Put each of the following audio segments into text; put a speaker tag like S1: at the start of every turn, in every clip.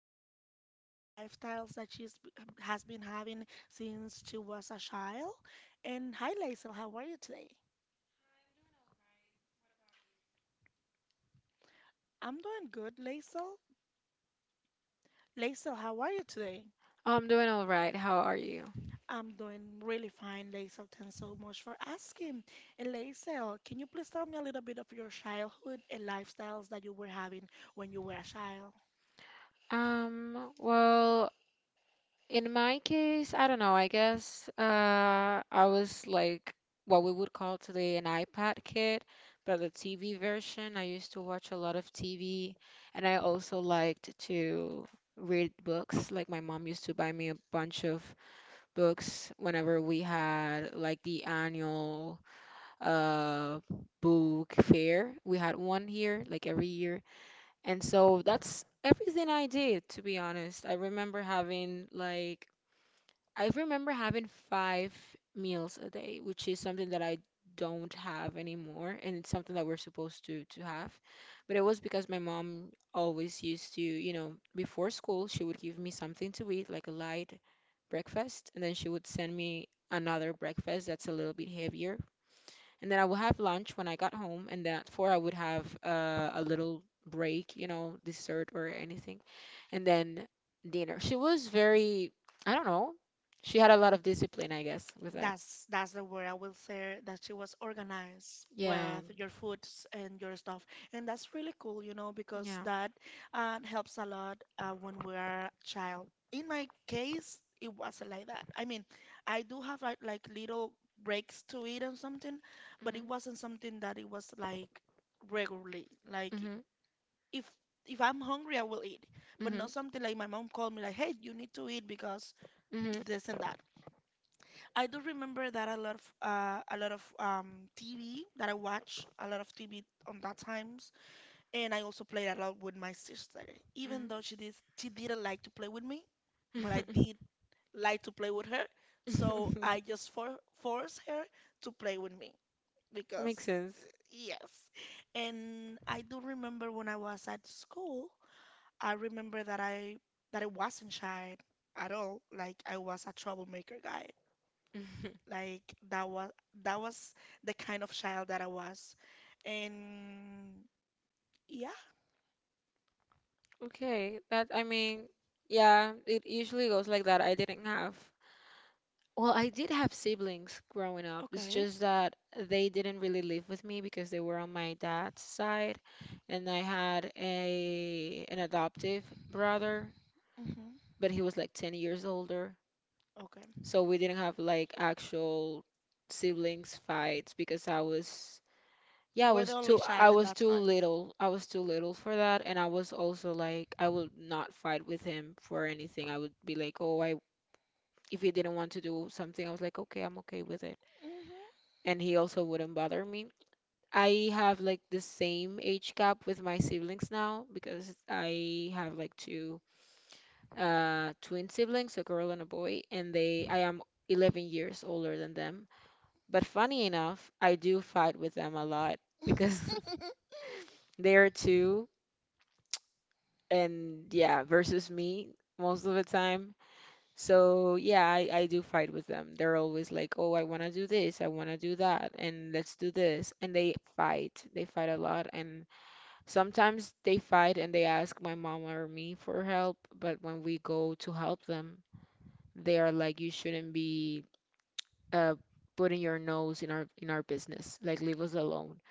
S1: some lifestyles that she's b- has been having since she was a child. And hi, Lacey. How are you today? I'm doing good, Lacey. Lacey, how are you today?
S2: I'm doing all right. How are you?
S1: I'm doing really fine, Laisel. Thanks so much for asking. And Laisel, can you please tell me a little bit of your childhood and lifestyles that you were having when you were a child?
S2: Um, well, in my case, I don't know. I was like what we would call today an iPad kid, but the TV version. I used to watch a lot of TV, and I also liked to read books. Like my mom used to buy me a bunch of books whenever we had like the annual. Uh, book fair. We had one here, like every year. And so that's everything I did, to be honest. I remember having five meals a day, which is something that I don't have anymore. And it's something that we're supposed to have. But it was because my mom always used to before school, she would give me something to eat, like a light breakfast, and then she would send me another breakfast that's a little bit heavier, and then I would have lunch when I got home, and then at four I would have a little break, you know, dessert or anything, and then dinner. She was very, I don't know, she had a lot of discipline, I guess, with that.
S1: That's the word I will say, that she was organized
S2: Yeah.
S1: with your foods and your stuff, and that's really cool, you know, because
S2: Yeah.
S1: that helps a lot when we are child. In my case, it wasn't like that. I mean, I do have like little breaks to eat and something, but it
S2: Mhm.
S1: wasn't something that it was like regularly. Like if if I'm hungry, I will eat, but
S2: Mhm.
S1: not something like my mom called me like, "Hey, you need to eat because
S2: Mhm. Mhm.
S1: this and that." I do remember that a lot of TV that I watch, a lot of TV on that times, and I also played a lot with my sister. Even though she didn't like to play with me, but I
S2: Mm.
S1: did like to play with her, so I just for forced her to play with me because
S2: Makes
S1: uh,
S2: sense.
S1: yes. And I do remember when I was at school, I remember that I wasn't shy at all. Like I was a troublemaker guy.
S2: Mhm.
S1: Like that was that was the kind of child that I was. And yeah.
S2: Okay, that I mean, yeah, it usually goes like that. I didn't have. Well, I did have siblings growing up. It's
S1: Okay.
S2: just that they didn't really live with me because they were on my dad's side, and I had a an adoptive brother,
S1: Hmm.
S2: but he was like 10 years older.
S1: Okay.
S2: So we didn't have like actual siblings fights because I was yeah,
S1: You were the only
S2: I
S1: child in
S2: was
S1: that
S2: too
S1: time.
S2: little. I was too little for that and I was also like I would not fight with him for anything. I would be like, "Oh, I if he didn't want to do something, I was like, Okay, I'm okay with it."
S1: Hmm.
S2: And he also wouldn't bother me. I have like the same age gap with my siblings now because I have like two twin siblings, a girl and a boy, and they I am 11 years older than them. But funny enough, I do fight with them a lot because they're two and yeah, versus me most of the time. So yeah, I do fight with them. They're always like, oh, I want to do this, I want to do that, and let's do this. And they fight. They fight a lot. And sometimes they fight and they ask my mom or me for help. But when we go to help them, they are like, you shouldn't be uh, putting your nose in our business. Like, leave us alone.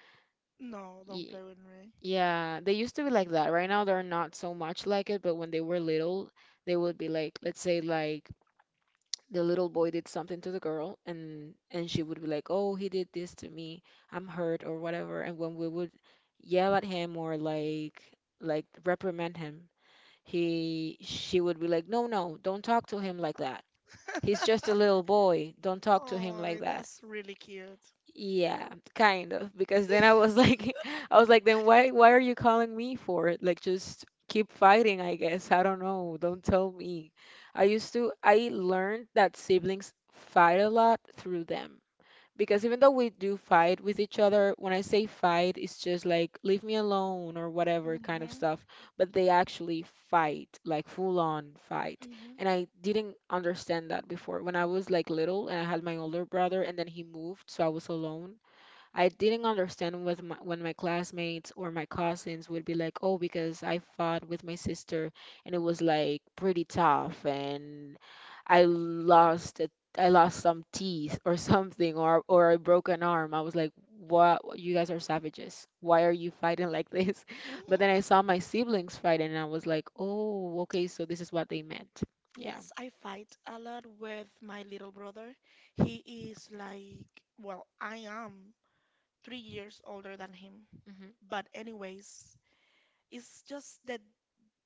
S1: No, don't
S2: Ye-
S1: play with me.
S2: Yeah, they used to be like that. Right now, they're not so much like it, but when they were little, they would be like, let's say like the little boy did something to the girl and she would be like, "Oh, he did this to me. I'm hurt or whatever." And when we would yell at him or like reprimand him, he she would be like, "No, no, don't talk to him like that. He's just a little boy. Don't talk to him like
S1: Oh,
S2: that."
S1: that's really cute.
S2: Yeah, kind of. Because then I was like, I was like, then why are you calling me for it? Like, just keep fighting, I guess. I don't know. Don't tell me. I learned that siblings fight a lot through them because even though we do fight with each other, when I say fight, it's just like leave me alone or whatever kind of
S1: Hmm.
S2: stuff, but they actually fight, like full on fight.
S1: Hmm.
S2: And I didn't understand that before. When I was like little and I had my older brother and then he moved, so I was alone. I didn't understand when my classmates or my cousins would be like, "Oh, because I fought with my sister and it was like pretty tough and I lost a, I lost some teeth or something or I broke an arm." I was like, "What? You guys are savages. Why are you fighting like this?" But
S1: Hmm.
S2: then I saw my siblings fighting and I was like, "Oh, okay, so this is what they meant." Yeah.
S1: Yes, I fight a lot with my little brother. He is like, well, I am 3 years older than him.
S2: Hmm.
S1: But anyways, it's just the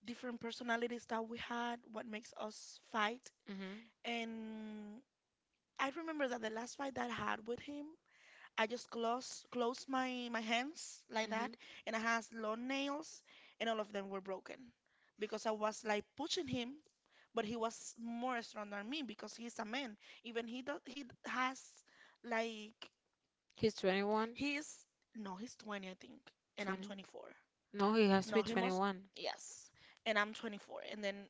S1: different personalities that we had, what makes us fight.
S2: Hmm.
S1: And I remember that the last fight that I had with him, I just closed my hands like that,
S2: Hmm.
S1: and I has long nails, and all of them were broken because I was like pushing him, but he was more strong than me because he's a man. Even he does he d- has like
S2: He's 21,
S1: he's no, he's 20 I think, and I'm
S2: 20.
S1: 24.
S2: No, he has to
S1: No,
S2: be
S1: he must
S2: 21,
S1: yes, and I'm 24, and then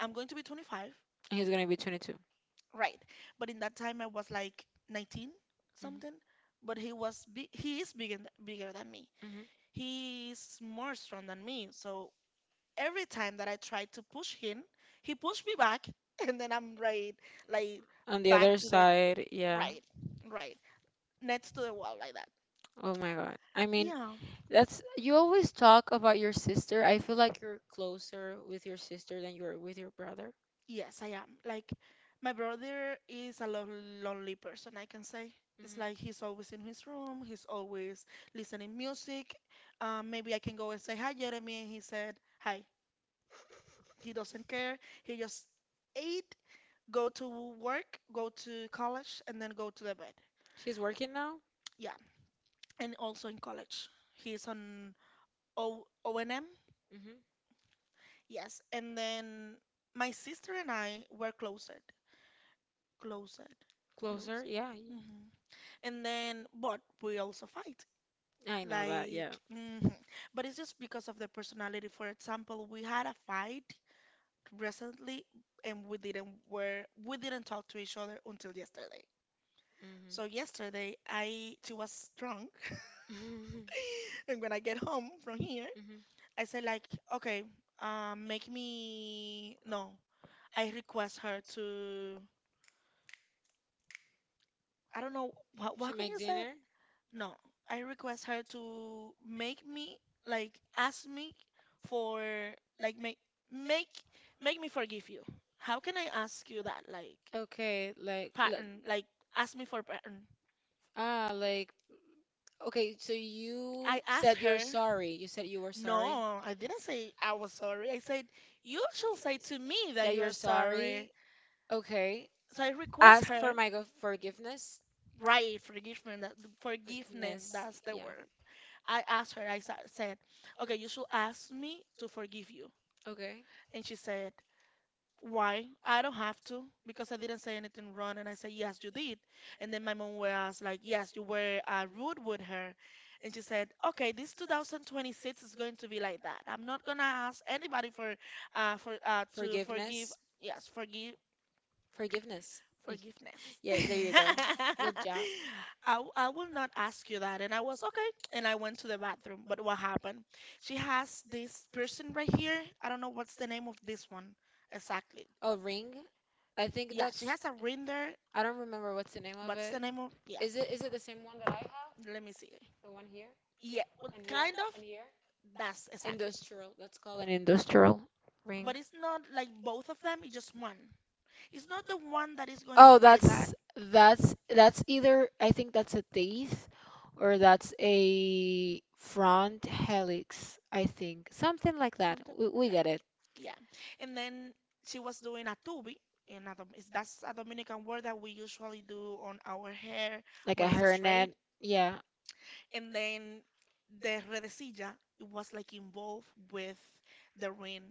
S1: I'm going to be 25,
S2: and he's gonna be 22. Hmm.
S1: right? But in that time I was like 19 something, but he was big, he is bigger than me.
S2: Hmm.
S1: He's more strong than me. So every time that I try to push him, he pushed me back, and then I'm right, like
S2: On the
S1: back
S2: other
S1: to the
S2: side, yeah.
S1: right, right, next to the wall, like that.
S2: Oh my God. I mean,
S1: Yeah,
S2: yeah, that's you always talk about your sister. I feel like you're closer with your sister than you are with your brother.
S1: yes, I am. Like, my brother is a lo lonely person, I can say. It's like he's
S2: Hmm.
S1: always in his room, he's always listening music. Maybe I can go and say hi, Jeremy, and he said hi. He doesn't care. He just ate go to work, go to college, and then go to the bed.
S2: She's working now.
S1: Yeah, and also in college, he's on O and m.
S2: Hmm.
S1: Yes, and then my sister and I were closer, closer,
S2: Closer,
S1: closer.
S2: yeah.
S1: Hmm. And then, but we also fight.
S2: I know that.
S1: Like,
S2: Yeah.
S1: hmm, but it's just because of the personality. For example, we had a fight recently, and we didn't talk to each other until yesterday.
S2: Mhm.
S1: So yesterday, I she was drunk.
S2: Drunk. Mhm.
S1: And when I get home from here,
S2: I
S1: I said like, okay, make me no. I request her to. I don't know what can you say? No, I request her to make me like ask me for like make make me forgive you. How can I ask you that, like
S2: okay, like,
S1: pattern? Like ask me for pattern.
S2: ah, like okay, so I you
S1: I asked her,
S2: sorry. You said you were
S1: no, I didn't say I was sorry. I said, you should say to me that you are sorry.
S2: sorry. Okay.
S1: So I request her,
S2: My go forgiveness.
S1: right, forgiveness, that, forgiveness, that's the word. I asked her, I said, okay, you should ask me to forgive you.
S2: Word. Okay.
S1: And she said, why? I don't have to because I didn't say anything wrong. And I said, yes, you did. And then my mom was like, yes, you were rude with her. And she said, okay, this 2026 is going to be like that. I'm not gonna ask anybody for
S2: For,
S1: to forgive. Yes, forgive
S2: forgiveness. Y-
S1: forgiveness.
S2: Yeah, there you go. Good job.
S1: I, I will not ask you that. And I was okay. And I went to the bathroom. But what happened? She has this person right here. I don't know what's the name of this one exactly.
S2: Oh, ring. I think
S1: Yeah, she
S2: that's.
S1: has a render.
S2: I don't remember what's the name of
S1: What's the
S2: it.
S1: name of? Yeah,
S2: Is it the same one that I have?
S1: let me see.
S2: The one here
S1: Yeah, well,
S2: and here
S1: kind of.
S2: and here?
S1: That's exactly.
S2: Industrial. Let's call it an industrial ring.
S1: But it's not like both of them. It's just one. It's not the one that is going
S2: Oh,
S1: right that.
S2: that's either I think that's a teeth or that's a front helix, I think. Something like that.
S1: Something.
S2: We
S1: Yeah,
S2: get it.
S1: yeah. And then she was doing a tubi. In a, that's a Dominican word that we usually do on our hair
S2: Like a
S1: when it's straight.
S2: hairnet. Yeah.
S1: And then the redecilla, it was like involved with the ring.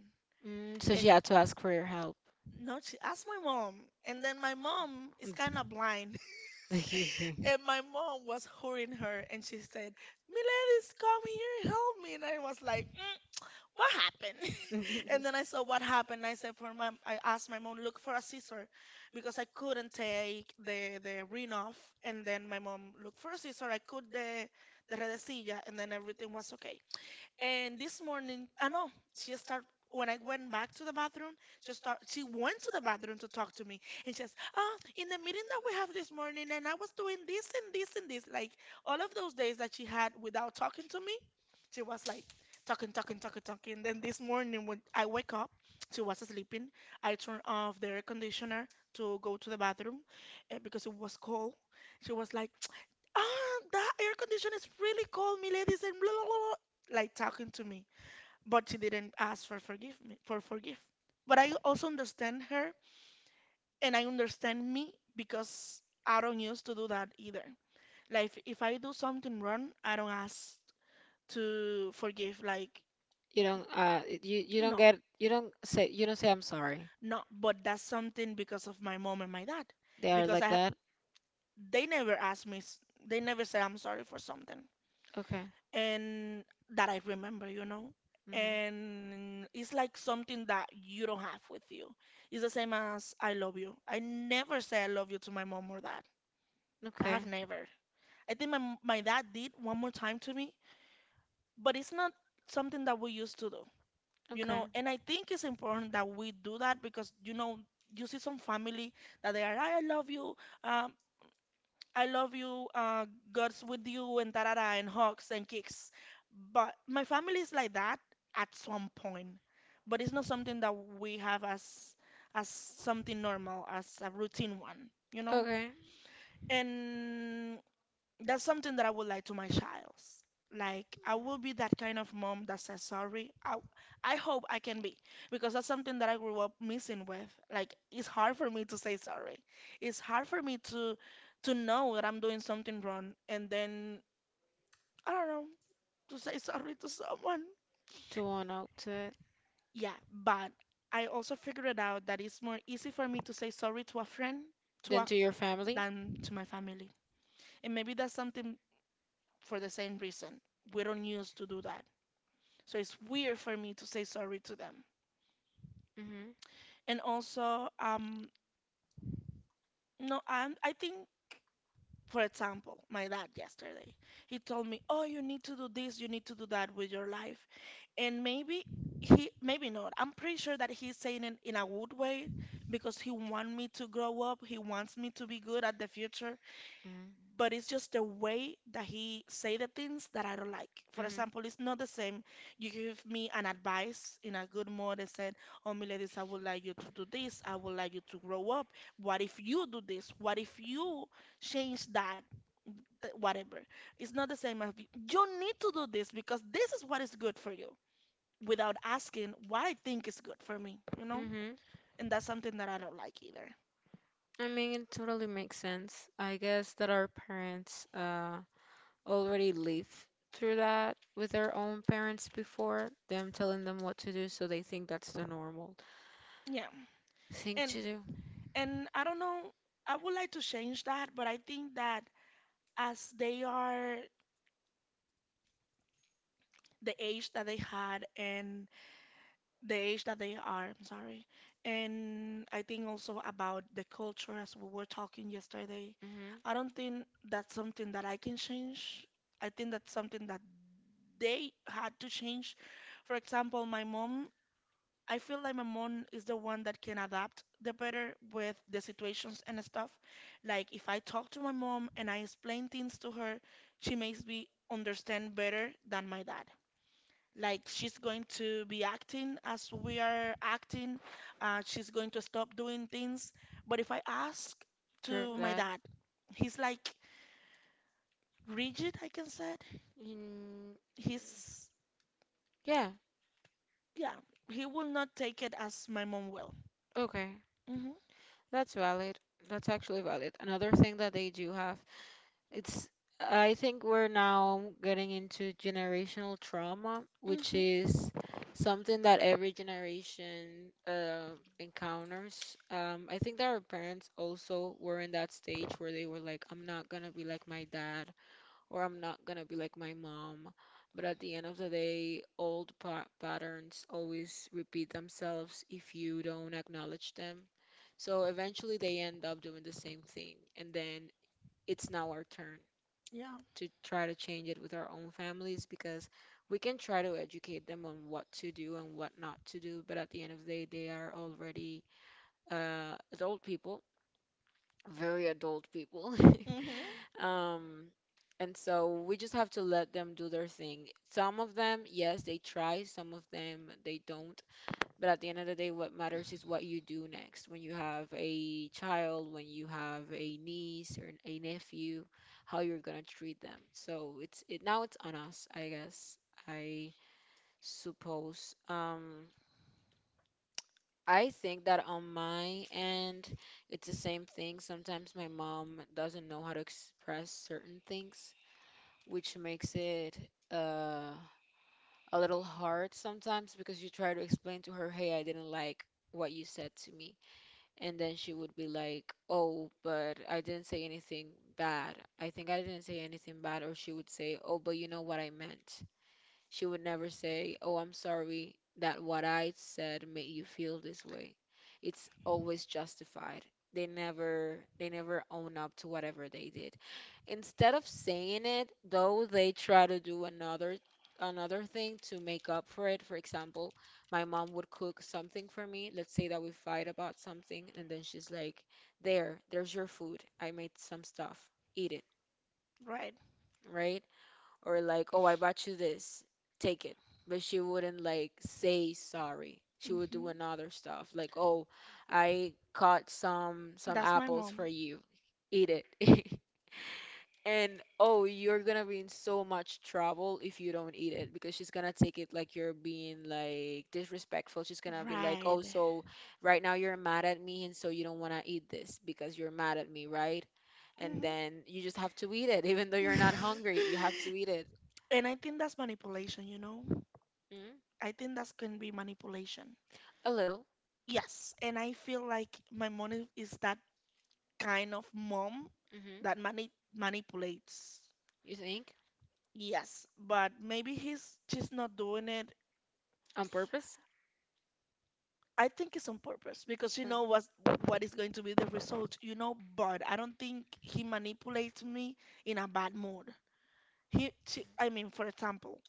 S2: Mm, so she
S1: And
S2: had to ask for your help.
S1: no, she asked my mom, and then my mom is kind of blind, and my mom was hurrying her, and she said, "Miledis, come here, help me." And I was like, mm, "What happened?" And then I saw what happened. I said for my, I asked my mom, "Look for a scissor," because I couldn't take the ring off. And then my mom looked for a scissor. I cut the redecilla, and then everything was okay. And this morning, I know she start when I went back to the bathroom, she went to the bathroom to talk to me, and she says, "Ah, in the meeting that we have this morning, and I was doing this and this and this," like all of those days that she had without talking to me, she was like talking, talking, talking, talking. Then this morning when I wake up, she was sleeping. I turned off the air conditioner to go to the bathroom, because it was cold. She was like, "Ah, that air condition is really cold, my ladies, and blah, blah, blah, blah," like talking to me. But she didn't ask for forgive me, for forgive. But I also understand her and I understand me because I don't used to do that either. Like if I do something wrong, I don't ask to forgive. Like
S2: You don't you you don't
S1: no,
S2: get you don't say I'm sorry.
S1: no. But that's something because of my mom and my dad,
S2: They are
S1: because
S2: like that.
S1: they never asked me. They never said I'm sorry for something.
S2: Okay.
S1: And that I remember, you know.
S2: Mhm.
S1: And it's like something that you don't have with you. It's the same as I love you. I never say I love you to my mom or dad. I
S2: Okay.
S1: have never. I think my dad did one more time to me, but it's not something that we used to do, you
S2: Okay. Okay.
S1: know. And I think it's important that we do that because, you know, you see some family that they are uh, I love you, God's with you, and tarara, and hugs and kicks. But my family is like that at some point. But it's not something that we have as something normal, as a routine one, you know? And that's something that I would like to my child. Like I will be that kind of mom that says sorry. I hope I can be because that's something that I grew up missing with. Like it's hard for me to say sorry. It's hard for me to know that I'm doing something wrong and then I don't know to say sorry to someone.
S2: To one out to it.
S1: Yeah, but I also figured out that it's more easy for me to say sorry to a friend to
S2: Then
S1: a,
S2: to your family.
S1: than to my family. And maybe that's something for the same reason. We don't used to do that. So it's weird for me to say sorry to them.
S2: Mhm.
S1: And also, no, I think, for example, my dad yesterday, he told me, "Oh, you need to do this, you need to do that with your life." And maybe maybe not. I'm pretty sure that he's saying it in a good way because he wants me to grow up. He wants me to be good at the future.
S2: Mhm.
S1: But it's just the way that he say the things that I don't like. For
S2: Mhm.
S1: example, it's not the same. You give me an advice in a good mood and said, "Oh, Miladies, I would like you to do this. I would like you to grow up. What if you do this? What if you change that? Whatever." It's not the same as you "You need to do this because this is what is good for you. Without asking what I think is good for me, you know,
S2: Mhm.
S1: and that's something that I don't like either.
S2: I mean, it totally makes sense. I guess that our parents already lived through that with their own parents before, them telling them what to do, so they think that's the normal
S1: Yeah,
S2: thing
S1: and
S2: to do.
S1: And I don't know, I would like to change that, but I think that as they are the age that they had and the age that they are, I'm sorry. And I think also about the culture as we were talking yesterday.
S2: Mm-hmm.
S1: I don't think that's something that I can change. I think that's something that they had to change. For example, my mom, I feel like my mom is the one that can adapt the better with the situations and stuff. Like if I talk to my mom and I explain things to her, she makes me understand better than my dad. Like she's going to be acting as we are acting, she's going to stop doing things. But if I ask
S2: Sure,
S1: to my
S2: that.
S1: dad, he's like rigid, I can say.
S2: Mm,
S1: He's,
S2: yeah,
S1: yeah, he will not take it as my mom will.
S2: okay.
S1: Hmm.
S2: That's valid. That's actually valid. Another thing that they do have it's, I think we're now getting into generational trauma, which is
S1: Hmm.
S2: something that every generation encounters. I think that our parents also were in that stage where they were like, I'm not gonna be like my dad, or I'm not gonna be like my mom. But at the end of the day, old pa patterns always repeat themselves if you don't acknowledge them. So eventually they end up doing the same thing, and then it's now our turn
S1: Yeah.
S2: to try to change it with our own families, because we can try to educate them on what to do and what not to do, but at the end of the day, they are already adult people, very adult people.
S1: Mm-hmm.
S2: Um, and so we just have to let them do their thing. Some of them, yes, they try, some of them, they don't. But at the end of the day, what matters is what you do next. When you have a child, when you have a niece or a nephew, how you're gonna treat them. So it's it now it's on us, I guess. I suppose. I think that on my end, it's the same thing. Sometimes my mom doesn't know how to express certain things, which makes it uh a little hard sometimes because you try to explain to her, "Hey, I didn't like what you said to me." And then she would be like, oh, but I didn't say anything bad. I think I didn't say anything bad. Or she would say, oh, but you know what I meant. She would never say, oh, I'm sorry that what I said made you feel this way. It's always justified. They never own up to whatever they did. Instead of saying it, though, they try to do another thing to make up for it. For example, my mom would cook something for me. Let's say that we fight about something, and then she's like, "There, there's your food. I made some stuff. Eat it."
S1: Right.
S2: Right? Or like, oh, I bought you this, take it. But she wouldn't like say sorry. She would
S1: Mm-hmm.
S2: do another stuff like, oh, I caught some
S1: That's my
S2: apples for
S1: mom.
S2: you. Eat it. And oh, you're gonna be in so much trouble if you don't eat it because she's gonna take it like you're being like disrespectful. She's gonna be like, oh,
S1: Right.
S2: so right now you're mad at me and so you don't wanna eat this because you're mad at me, right? And
S1: Hmm.
S2: then you just have to eat it even though you're not hungry. You have to eat it.
S1: And I think that's manipulation, you know? I think that's can be manipulation.
S2: A little.
S1: Yes. And I feel like my mom is that kind of mom
S2: Hmm.
S1: that manipulates.
S2: You think?
S1: Yes, but maybe he's just not doing it.
S2: On purpose?
S1: I think it's on purpose because you know
S2: Um,
S1: what is going to be the result, you know, but I don't think he manipulates me in a bad mood. She, I mean, for example,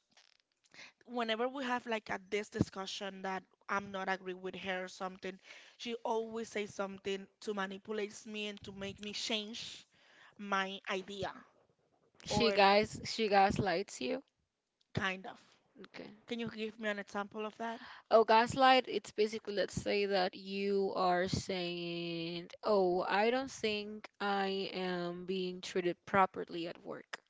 S1: whenever we have like a this discussion that I'm not agree with her or something, she always says something to manipulate me and to make me change my idea
S2: She
S1: or
S2: guys she gaslights you?
S1: kind of.
S2: Okay.
S1: Can you give me an example of that?
S2: Oh, gaslight, it's basically let's say that you are saying, "Oh, I don't think I am being treated properly at work.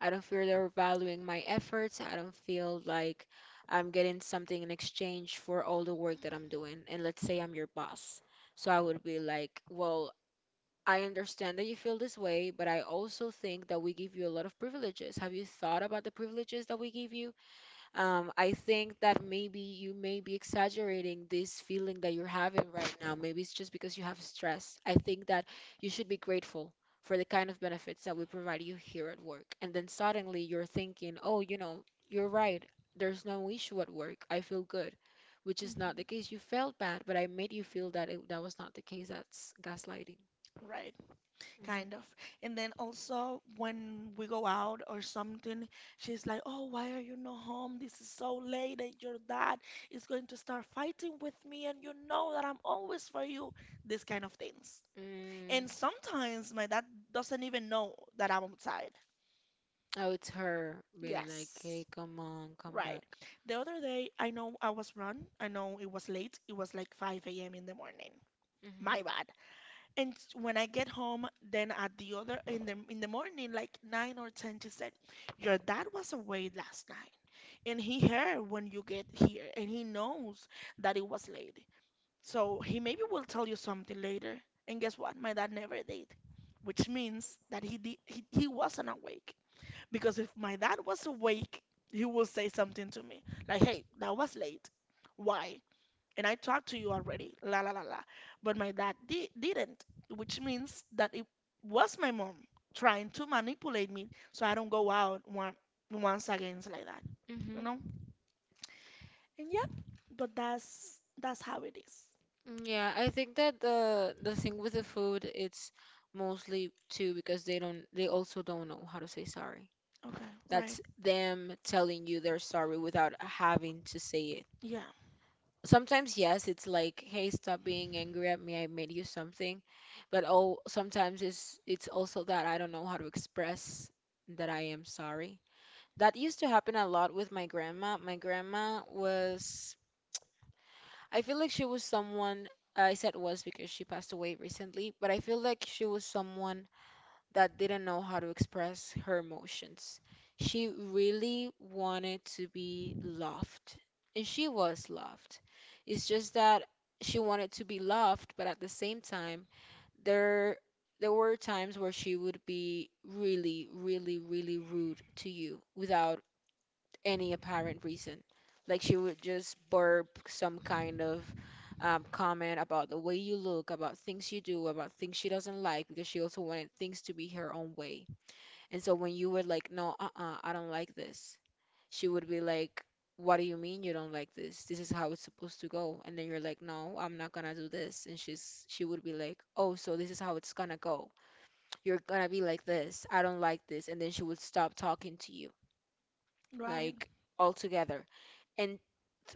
S2: I don't feel they're valuing my efforts. I don't feel like I'm getting something in exchange for all the work that I'm doing." And let's say I'm your boss. So I would be like, "Well, I understand that you feel this way, but I also think that we give you a lot of privileges. Have you thought about the privileges that we give you? I think that maybe you may be exaggerating this feeling that you're having right now. Maybe it's just because you have stress. I think that you should be grateful for the kind of benefits that we provide you here at work. And then suddenly you're thinking, oh, you know, you're right. There's no issue at work. I feel good, which is
S1: Mhm.
S2: not the case. You felt bad, but I made you feel that it, that was not the case. That's gaslighting.
S1: Right,
S2: Mhm.
S1: kind of. And then also when we go out or something, she's like, "Oh, why are you not home? This is so late, and your dad is going to start fighting with me, and you know that I'm always for you." These kind of things.
S2: And Mm.
S1: And sometimes my dad doesn't even know that I'm outside.
S2: Oh, it's her being like, "Hey,
S1: Yes,
S2: come on, come
S1: right.
S2: back."
S1: The other day, I know I was run. I know it was late. It was like 5 a.m. in the morning.
S2: Mhm.
S1: My bad. And when I get home, then at the other in the morning, like nine or ten, she said, "Your dad was away last night, and he heard when you get here, and he knows that it was late. So he maybe will tell you something later." And guess what? My dad never did, which means that he wasn't awake. Because if my dad was awake, he would say something to me like, "Hey, that was late. Why? And I talked to you already, la la la la." But my dad didn't, which means that it was my mom trying to manipulate me so I don't go out once again like that, you
S2: Mhm.
S1: know? And yep, but that's how it is.
S2: Mm, yeah, I think that the thing with the food, it's mostly too because they also don't know how to say sorry.
S1: Okay, right?
S2: That's them telling you they're sorry without having to say it.
S1: Yeah,
S2: Sometimes, yes, it's like, "Hey, stop being angry at me. I made you something." But oh, sometimes it's also that I don't know how to express that I am sorry. That used to happen a lot with my grandma. My grandma was, I feel like she was someone, I said was because she passed away recently, but I feel like she was someone that didn't know how to express her emotions. She really wanted to be loved, and she was loved. It's just that she wanted to be loved, but at the same time, there there were times where she would be really, really, really rude to you without any apparent reason. Like she would just burp some kind of comment about the way you look, about things you do, about things she doesn't like, because she also wanted things to be her own way. And so when you were like, no, uh-uh, I don't like this, she would be like, what do you mean you don't like this? This is how it's supposed to go. And then you're like, no, I'm not gonna do this. And she would be like, oh, so this is how it's gonna go. You're gonna be like this. I don't like this. And then she would stop talking to you,
S1: right.
S2: like altogether. And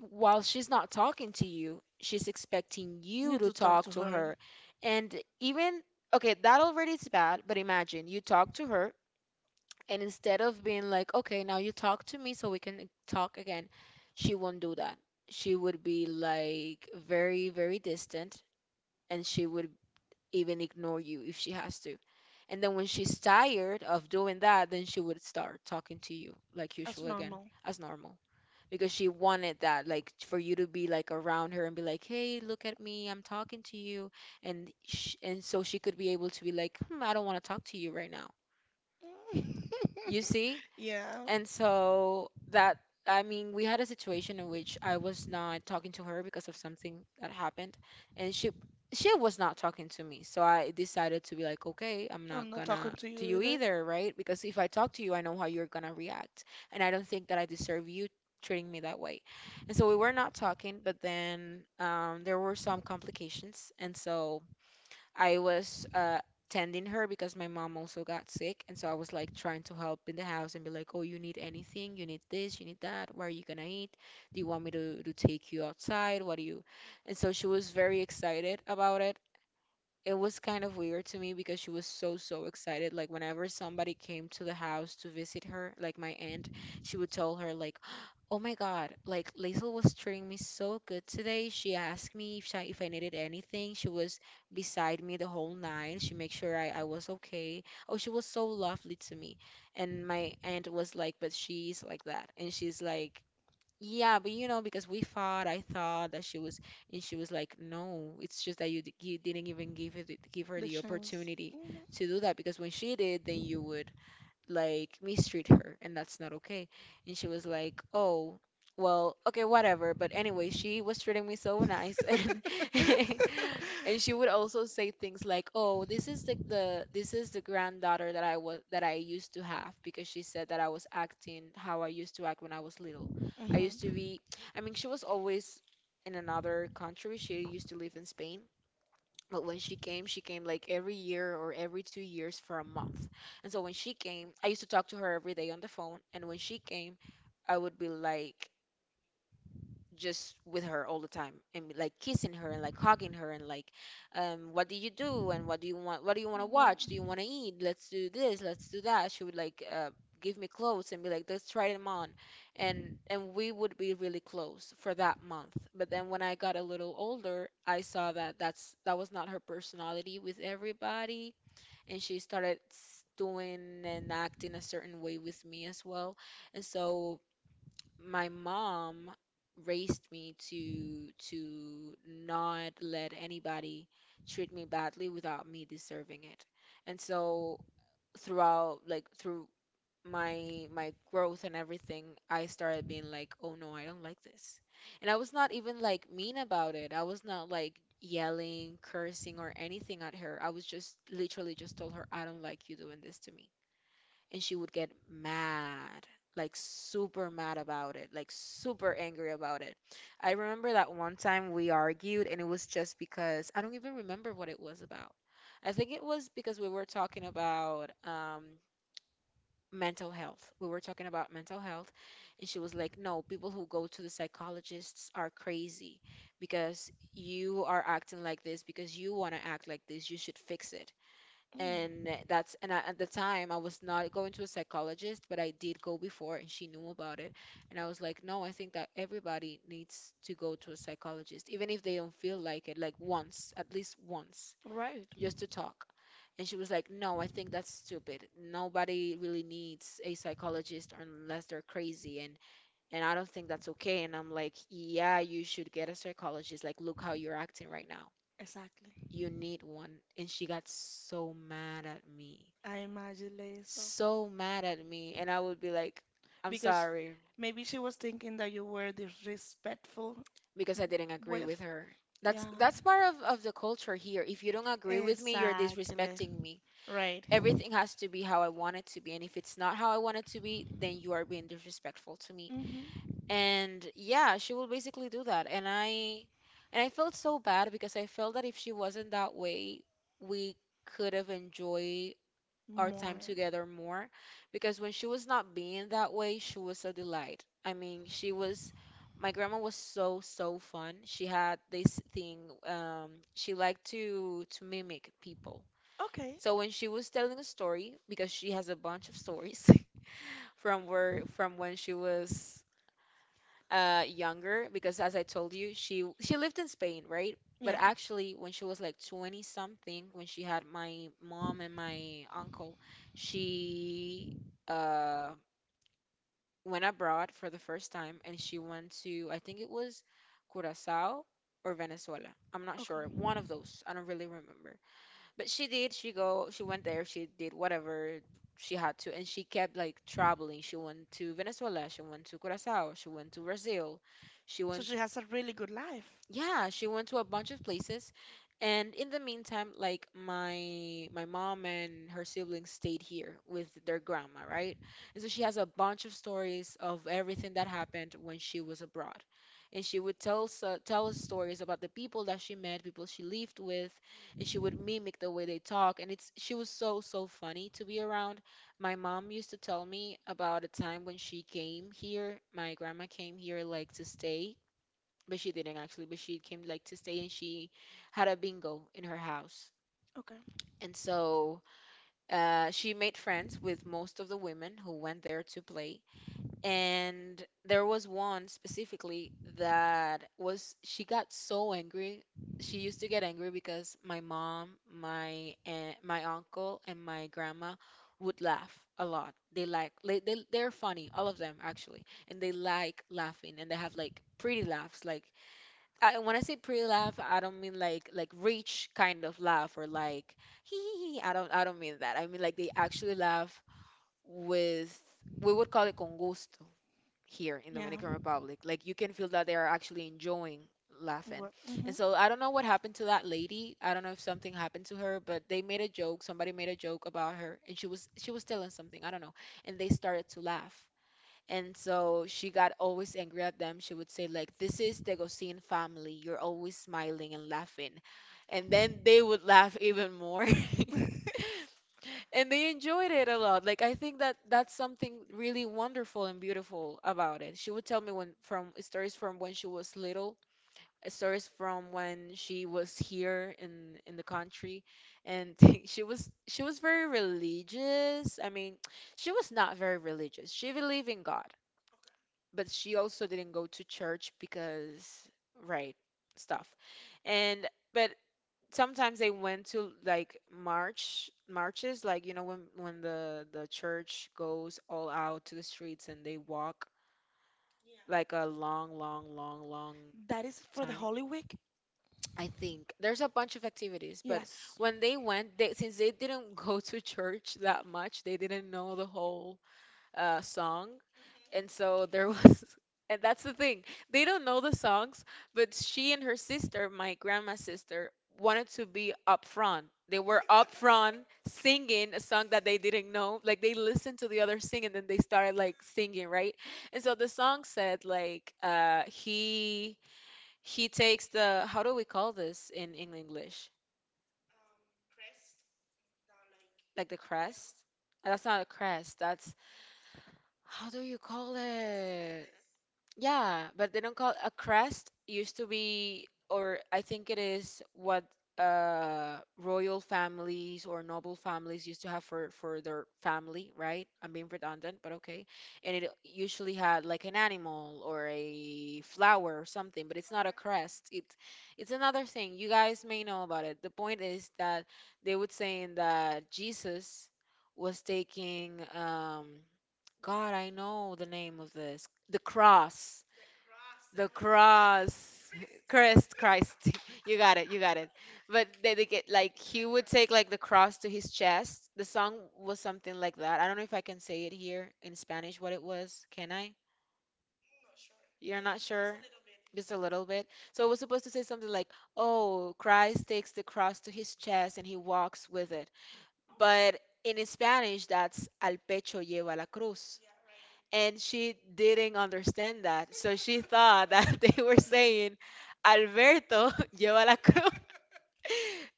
S2: while she's not talking to you, she's expecting you
S1: Need
S2: to
S1: to talk
S2: talk
S1: to
S2: to
S1: her.
S2: her. And even, okay, that already is bad, but imagine you talk to her, and instead of being like, okay, now you talk to me so we can talk again, she won't do that. She would be like very, very distant, and she would even ignore you if she has to. And then when she's tired of doing that, then she would start talking to you like
S1: As
S2: usual again,
S1: normal.
S2: as normal because she wanted that like for you to be like around her and be like, hey, look at me, I'm talking to you, and so she could be able to be like, hmm, I don't want to talk to you right now, you see.
S1: Yeah.
S2: And so that, I mean, we had a situation in which I was not talking to her because of something that happened, and she was not talking to me. So I decided to be like, okay, I'm
S1: I'm
S2: not
S1: not
S2: gonna
S1: talking to
S2: to
S1: you
S2: you
S1: either.
S2: either, right? Because if I talk to you, I know how you're gonna react, and I don't think that I deserve you treating me that way. And so we were not talking, but then there were some complications, and so I was tending her because my mom also got sick, and so I was like trying to help in the house and be like, "Oh, you need anything? You need this, you need that. Where are you gonna eat? Do you want me to take you outside? What do you?" And so she was very excited about it. It was kind of weird to me because she was so so excited, like whenever somebody came to the house to visit her, like my aunt, she would tell her, like, oh my god, like Liesl was treating me so good today. She asked me if I needed anything. She was beside me the whole night. She made sure I was okay. Oh, she was so lovely to me. And my aunt was like, but she's like that. And she's like, yeah, but you know, because we fought, I thought that she was, and she was like, "No, it's just that you didn't even give her
S1: The
S2: the
S1: chance.
S2: opportunity
S1: Hmm.
S2: to do that, because when she did, then you would, like, mistreat her, and that's not okay." And she was like, oh, well, okay, whatever. But anyway, she was treating me so nice, and and she would also say things like, oh, this is the granddaughter that I used to have, because she said that I was acting how I used to act when I was little.
S1: Hmm.
S2: I
S1: Hmm.
S2: used to be. I mean, she was always in another country. She used to live in Spain, but when she came like every year or every 2 years for a month. And so when she came, I used to talk to her every day on the phone. And when she came, I would be like just with her all the time, and like kissing her, and like hugging her, and like what do you do, and what do you want, what do you want to watch, do you want to eat, let's do this, let's do that. She would like give me clothes and be like, let's try them on. and and we would be really close for that month. But then when I got a little older, I saw that that was not her personality with everybody, and she started doing and acting a certain way with me as well. And so my mom raised me to not let anybody treat me badly without me deserving it. And so throughout, like, through my growth and everything, I started being like, "Oh no, I don't like this." And I was not even like mean about it. I was not like yelling, cursing or anything at her. I was just literally just told her, "I don't like you doing this to me." And she would get mad, like super mad about it, like super angry about it. I remember that one time we argued, and it was just because I don't even remember what it was about. I think it was because we were talking about mental health. We were talking about mental health, and she was like, no, people who go to the psychologists are crazy because you are acting like this because you want to act like this. You should fix it.
S1: Mm.
S2: And that's, and I, at the time I was not going to a psychologist, but I did go before, and she knew about it. And I was like, no, I think that everybody needs to go to a psychologist, even if they don't feel like it, like once, at least once,
S1: Right.
S2: just to talk. And she was like, no, I think that's stupid. Nobody really needs a psychologist unless they're crazy, and I don't think that's okay. And I'm like, yeah, you should get a psychologist. Like, look how you're acting right now.
S1: Exactly.
S2: You need one. And she got so mad at me,
S1: I imagine, Liesel.
S2: so mad at me, and I would be like, I'm
S1: Because
S2: sorry,
S1: maybe she was thinking that you were disrespectful
S2: because I didn't agree
S1: with.
S2: with her. That's
S1: Yeah,
S2: that's part of the culture here. If you don't agree with me, you're
S1: exactly.
S2: disrespecting me.
S1: Right.
S2: Everything has to be how I want it to be. And if it's not how I want it to be, then you are being disrespectful to me.
S1: Mm-hmm.
S2: And yeah, she will basically do that. And I felt so bad because I felt that if she wasn't that way, we could have enjoyed our time
S1: More.
S2: together more, because when she was not being that way, she was a delight. I mean, she was, my grandma was so so fun. She had this thing, she liked to mimic people.
S1: Okay.
S2: So when she was telling a story, because she has a bunch of stories from when she was younger, because as I told you, she lived in Spain, right? But
S1: Yeah.
S2: actually when she was like 20 something, when she had my mom and my uncle, she uh went abroad for the first time, and she went to, I think it was Curacao or Venezuela. I'm not
S1: Okay.
S2: sure. One of those. I don't really remember. But she did. She go. She went there. She did whatever she had to, and she kept like traveling. She went to Venezuela. She went to Curacao. She went to Brazil. She
S1: So
S2: went.
S1: she has a really good life.
S2: Yeah, she went to a bunch of places, and in the meantime, like my mom and her siblings stayed here with their grandma, right? And so she has a bunch of stories of everything that happened when she was abroad, and she would tell us tell us stories about the people that she met, people she lived with, and she would mimic the way they talk and it's she was so funny to be around. My mom used to tell me about a time when she came here, my grandma came here like to stay, but she didn't actually, but she came like to stay and she had a bingo in her house.
S1: Okay.
S2: And so she made friends with most of the women who went there to play, and there was one specifically that was, she got so angry. She used to get angry because my mom, my aunt, my uncle, and my grandma would laugh a lot. They like, they're funny, all of them actually. And they like laughing and they have like pretty laughs. Like, I, when I say pretty laugh, I don't mean like rich kind of laugh or like, hee hee hee. I don't mean that. I mean like they actually laugh with, we would call it con gusto here in
S1: Yeah.
S2: Dominican Republic. Like you can feel that they are actually enjoying laughing.
S1: What? Hmm.
S2: And so I don't know what happened to that lady. I don't know if something happened to her, but they made a joke. Somebody made a joke about her and she was telling something, I don't know. And they started to laugh. And so she got always angry at them. She would say like, "This is the Gosin family. You're always smiling and laughing." And then they would laugh even more. And they enjoyed it a lot. Like I think that that's something really wonderful and beautiful about it. She would tell me when from stories from when she was little, stories from when she was here in the country, and she was very religious. I mean, she was not very religious. She believed in God, but she also didn't go to church because right stuff, and. But sometimes they went to like marches, like, you know, when the church goes all out to the streets and they walk like a long
S1: That is for the
S2: time.
S1: Holy Week?
S2: I think there's a bunch of activities, but
S1: Yes.
S2: when they went, they, since they didn't go to church that much, they didn't know the whole song. And so there was, and that's the thing. They don't know the songs, but she and her sister, my grandma's sister, wanted to be up front. They were up front singing a song that they didn't know. Like they listened to the other sing and then they started like singing, right? And so the song said like he takes the, how do we call this in English? Like the crest? That's not a crest. That's, how do you call it? Yeah, but they don't call a crest, used to be, or I think it is what royal families or noble families used to have for their family, right? I'm being redundant, but okay. And it usually had like an animal or a flower or something, but it's not a crest. It's another thing. You guys may know about it. The point is that they would say that Jesus was taking God, I know the name of this. The cross. The cross. Christ, Christ. You got it, you got it. But they get like he would take like the cross to his chest. The song was something like that. I don't know if I can say it here in Spanish what it was. Can I? You're not sure? Just a little bit. So it was supposed to say something like, "Oh, Christ takes the cross to his chest and he walks with it." But in Spanish, that's al pecho lleva la cruz. And she didn't understand that. So she thought that they were saying, Alberto lleva la cruz,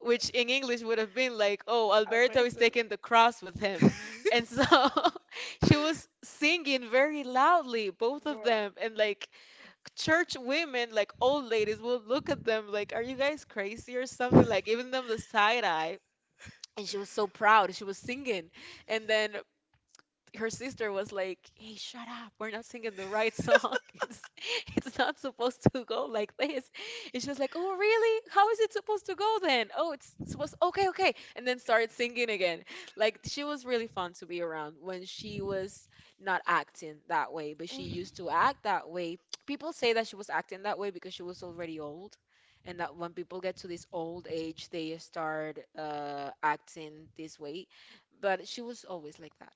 S2: which in English would have been like, oh,
S1: I
S2: Alberto
S1: bet
S2: is
S1: it.
S2: taking the cross with him. And so she was singing very loudly, both of
S1: Bruh.
S2: them. And like church women, like old ladies, will look at them like, are you guys crazy or something? Like giving them the side eye, and she was so proud she was singing. And then her sister was like, "Hey, shut up! We're not singing the right song. It's it's not supposed to go like this." And she was like, "Oh, really? How is it supposed to go then? Oh, it's supposed, okay, okay." And then started singing again. Like she was really fun to be around when she was not acting that way, but she
S1: Mhm.
S2: used to act that way. People say that she was acting that way because she was already old. And that when people get to this old age, they start acting this way. But she was always like that.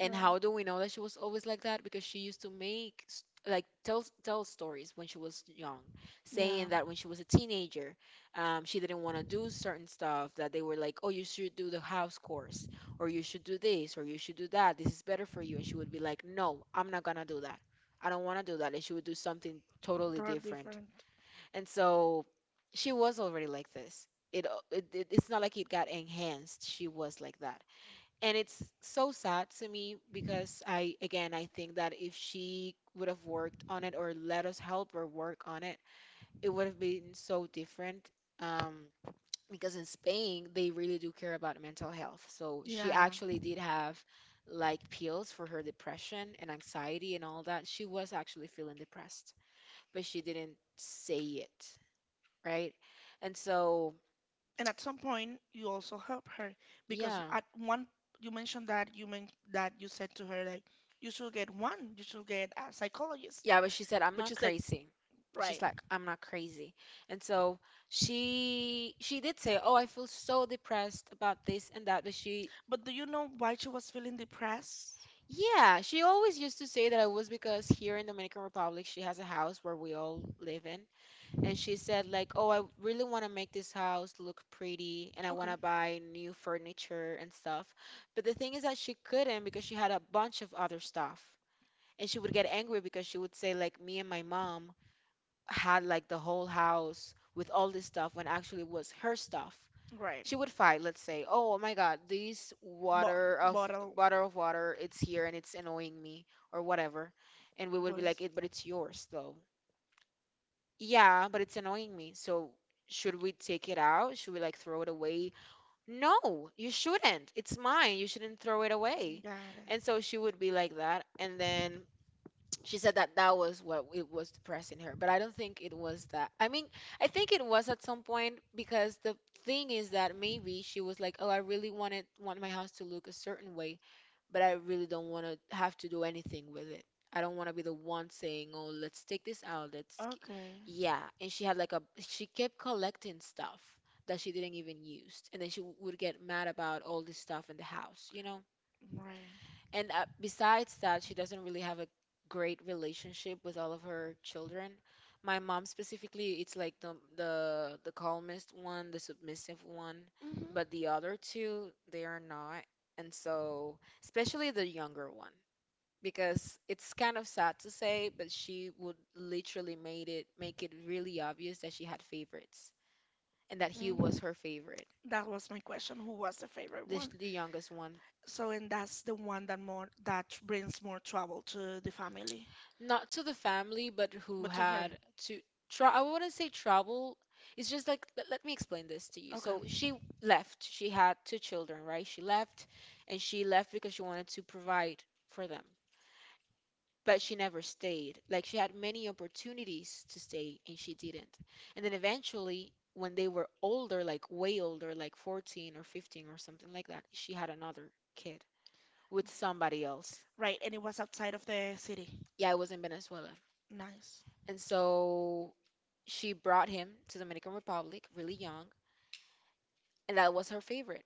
S2: And
S1: Right.
S2: how do we know that she was always like that? Because she used to make, like, tell stories when she was young,
S1: Yeah.
S2: saying that when she was a teenager, she didn't want to do certain stuff. That they were like, "Oh, you should do the house course, or you should do this, or you should do that. This is better for you." And she would be like, "No, I'm not gonna do that. I don't want to do that." And she would do something totally
S1: Totally
S2: different.
S1: different.
S2: And so she was already like this. It it's not like it got enhanced. She was like that, and it's so sad to me because I, again, I think that if she would have worked on it or let us help her work on it, it would have been so different. Um, because in Spain they really do care about mental health. So she
S1: Yeah.
S2: actually did have like pills for her depression and anxiety and all that. She was actually feeling depressed, but she didn't say it, right? And so
S1: And at some point, you also help her because
S2: yeah.
S1: at one, you mentioned that you meant that you said to her like, you should get one, you should get a psychologist.
S2: Yeah, but she said, I'm
S1: But
S2: not
S1: she's like,
S2: crazy. She's
S1: right.
S2: like, I'm not crazy. And so she did say, Oh, I feel so depressed about this and that, but she
S1: But do you know why she was feeling depressed?
S2: yeah, she always used to say that I was because here in Dominican Republic she has a house where we all live in. And she said like, "Oh, I really want to make this house look pretty and I
S1: Okay.
S2: want to buy new furniture and stuff." But the thing is that she couldn't because she had a bunch of other stuff. And she would get angry because she would say like me and my mom had like the whole house with all this stuff when actually it was her stuff.
S1: Right.
S2: She would fight, let's say, oh my god, this
S1: Bo
S2: water of
S1: bottle.
S2: bottle of water, it's here and it's annoying me, or whatever. And we would be like,
S1: Bottles.
S2: it, but it's yours though. Yeah, but it's annoying me, so should we take it out, should we like throw it away? No, you shouldn't, it's mine, you shouldn't throw it away.
S1: Got
S2: And
S1: it.
S2: so she would be like that, and then she said that that was what it was depressing her, but I don't think it was that. I mean, I think it was at some point because the thing is that maybe she was like, oh, I really want my house to look a certain way, but I really don't want to have to do anything with it. I don't want to be the one saying, oh, let's take this out, let's k-"
S1: Okay.
S2: Yeah, and she had like a, she kept collecting stuff that she didn't even use, and then she would get mad about all this stuff in the house, you know.
S1: Right.
S2: And besides that, she doesn't really have a great relationship with all of her children. My mom specifically, it's like the the calmest one, the submissive one,
S1: Hmm.
S2: but the other two, they are not. And so, especially the younger one, because it's kind of sad to say, but she would literally made it make it really obvious that she had favorites and that he was her favorite,
S1: That was my question. Who was the favorite
S2: the,
S1: one?
S2: the youngest one.
S1: So, and that's the one that more that brings more trouble to the family,
S2: Not to the family, but who
S1: but to her.
S2: had to try. I wouldn't say travel. It's just like, let me explain this to you.
S1: Okay.
S2: So she left. She had two children, right? She left, and she left because she wanted to provide for them. But she never stayed. Like she had many opportunities to stay, and she didn't. And then eventually, when they were older, like way older, like 14 or 15 or something like that, she had another kid with somebody else.
S1: Right, and it was outside of the city.
S2: Yeah, it was in Venezuela.
S1: Nice.
S2: And so she brought him to Dominican Republic really young, and that was her favorite.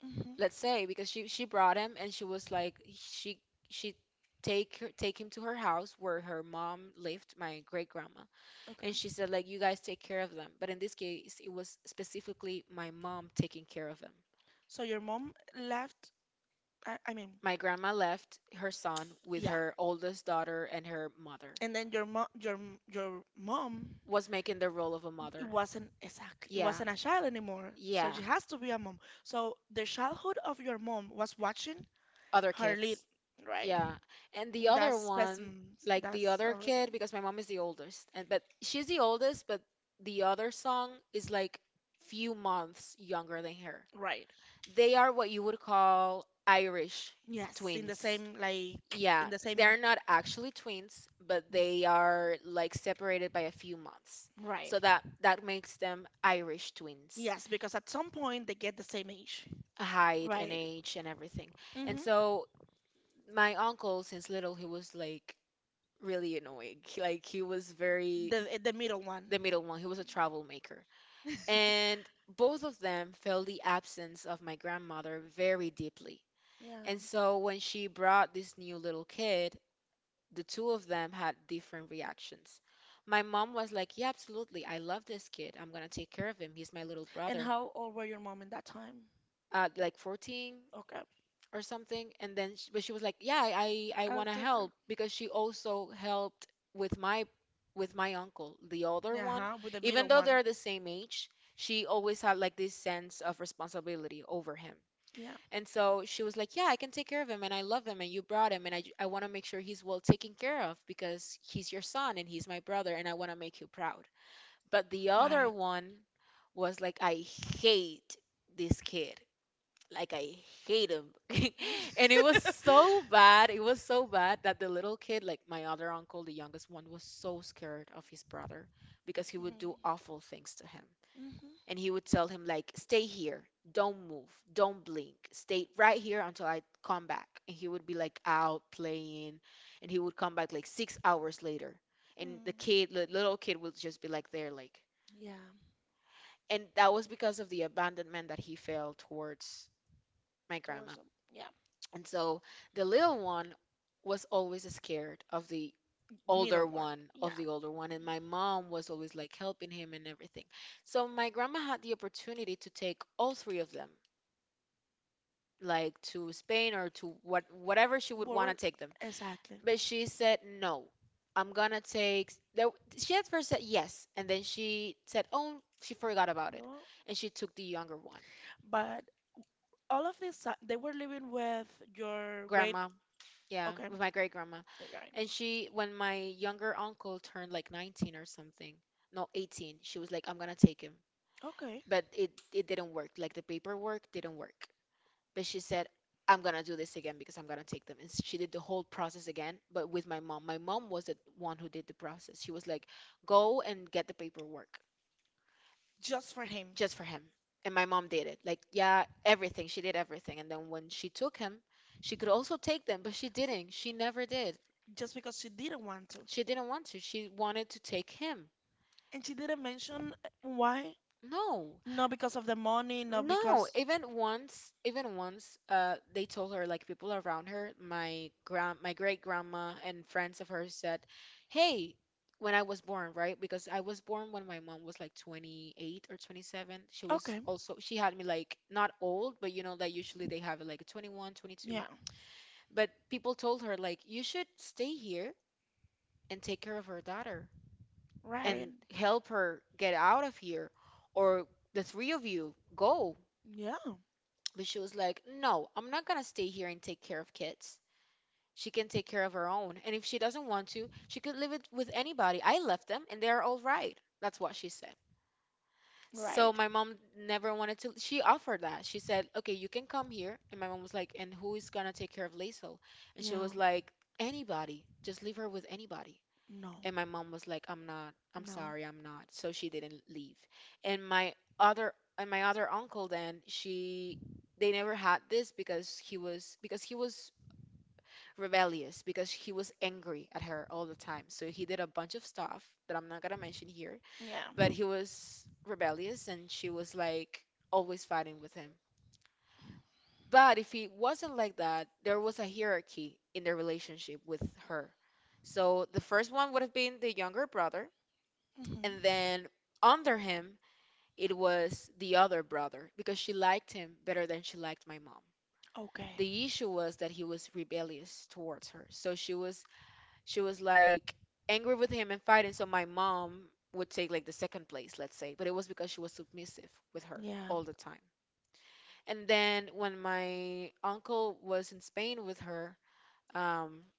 S1: Hmm.
S2: Let's say because she brought him and she was like she take take him to her house where her mom lived, my great grandma,
S1: Okay.
S2: and she said like, you guys take care of them. But in this case, it was specifically my mom taking care of them.
S1: So your mom left, I mean,
S2: My grandma left her son with
S1: yeah.
S2: her oldest daughter and her mother
S1: And then your mom,
S2: was making the role of a
S1: it
S2: mother.
S1: wasn't exactly, it
S2: Yeah.
S1: wasn't a child anymore, so
S2: Yeah.
S1: she has to be a mom. So the childhood of your mom was watching
S2: Other
S1: her lead,
S2: kids.
S1: right?
S2: Yeah. And the
S1: That's
S2: other one,
S1: specimen.
S2: like the
S1: That's
S2: other
S1: horrible.
S2: kid, because my mom is the oldest, and but she's the oldest, but the other song is like few months younger than her.
S1: Right.
S2: They are what you would call Irish
S1: Yes, in the
S2: twins.
S1: same like
S2: Yeah,
S1: in the same
S2: they're not actually twins, but they are like separated by a few months.
S1: right.
S2: So that makes them Irish twins.
S1: Yes, because at some point they get the same age.
S2: Height and
S1: Right.
S2: age and everything. And
S1: Mm-hmm.
S2: so my uncle since little he was like really annoying. He was very
S1: The middle one.
S2: the middle one. He was a troublemaker, maker. And both of them felt the absence of my grandmother very deeply.
S1: Yeah.
S2: And so when she brought this new little kid, the two of them had different reactions. My mom was like, "Yeah, absolutely. I love this kid. I'm going to take care of him. He's my little
S1: And
S2: brother."
S1: how old were your mom in that time?
S2: Like 14,
S1: Okay.
S2: or something. And then she, but she was like, yeah, I
S1: I'll
S2: want to
S1: take her.
S2: help, because she also helped with my, with my uncle, the older
S1: Yeah,
S2: one,
S1: huh? With the
S2: even
S1: middle
S2: though
S1: one.
S2: they're the same age. She always had like this sense of responsibility over him.
S1: Yeah.
S2: And so she was like, yeah, I can take care of him, and I love him, and you brought him, and I want to make sure he's well taken care of, because he's your son and he's my brother, and I want to make you proud. But the other one was like, I hate this kid, like I hate him. And it was so bad. It was so bad that the little kid, like my other uncle, the youngest one, was so scared of his brother because he would do awful things to him.
S1: Mhm. Mhm.
S2: And he would tell him like, "Stay here. Don't move. Don't blink. Stay right here until I come back." And he would be like out playing, and he would come back like 6 hours later. And the
S1: Mm.
S2: kid, the little kid would just be like there like,
S1: Yeah.
S2: and that was because of the abandonment that he felt towards my
S1: Towards
S2: grandma.
S1: the, yeah,
S2: And so the little one was always scared of the
S1: middle
S2: older
S1: one.
S2: one,
S1: Yeah.
S2: And my mom was always like helping him and everything. So my grandma had the opportunity to take all three of them, like to Spain or to whatever she would
S1: Well,
S2: want
S1: we-
S2: to take them.
S1: exactly.
S2: But she said no. I'm gonna take. There, she at first said yes, and then she said, "Oh, she forgot about it,"
S1: No.
S2: and she took the younger one,
S1: But all of this, they were living with your great
S2: grandma. Yeah,
S1: okay.
S2: with my great grandma.
S1: Yeah. Yeah.
S2: And she, when my younger uncle turned like 19 or something, no, 18, she was like, I'm gonna take him.
S1: Okay.
S2: But it didn't work. Like the paperwork didn't work. But she said, I'm gonna do this again, because I'm gonna take them. And she did the whole process again, but with my mom. My mom was the one who did the process. She was like, go and get the paperwork
S1: Just for him.
S2: just for him. And my mom did it. Like, yeah, everything. She did everything. And then when she took him, she could also take them, but she didn't. She never did.
S1: Just because she didn't want to.
S2: She didn't want to. She wanted to take him.
S1: And she didn't mention why.
S2: No.
S1: Not because of the money, not
S2: No,
S1: because.
S2: even once, they told her, like people around her, my great grandma and friends of hers said, "Hey, when I was born, right? Because I was born when my mom was like 28 or 27. She was also She had me like not old, but you know that usually they have it like 21,
S1: Okay.
S2: 22.
S1: Yeah.
S2: But people told her like you should stay here and take care of her daughter,
S1: Right?
S2: and help her get out of here, or the three of you go."
S1: Right. Yeah. So
S2: But she was like, no, I'm not gonna stay here and take care of kids. She can take care of her own, and if she doesn't want to, she could live it with anybody. I left them and they're all right. That's what she said. So
S1: right.
S2: my mom never wanted to. She offered that. She said, okay, you can come here. And my mom was like, and who is gonna take care of Liesel? And she
S1: Yeah.
S2: was like, anybody, just leave her with anybody.
S1: No.
S2: And my mom was like, I'm
S1: No.
S2: sorry, I'm not. So she didn't leave. And my and my other uncle then, she they never had this because he was rebellious, because he was angry at her all the time. So he did a bunch of stuff that I'm not gonna mention here, but
S1: Yeah.
S2: he was rebellious and she was like always fighting with him. But if he wasn't like that, there was a hierarchy in their relationship with her. So the first one would have been the younger brother,
S1: Hmm.
S2: and then under him, it was the other brother, because she liked him better than she liked my mom.
S1: Okay.
S2: The issue was that he was rebellious towards her. So she was like angry with him and fighting. So my mom would take like the second place, let's say. But it was because she was submissive with her
S1: Yeah.
S2: all the time. And then when my uncle was in Spain with her, um,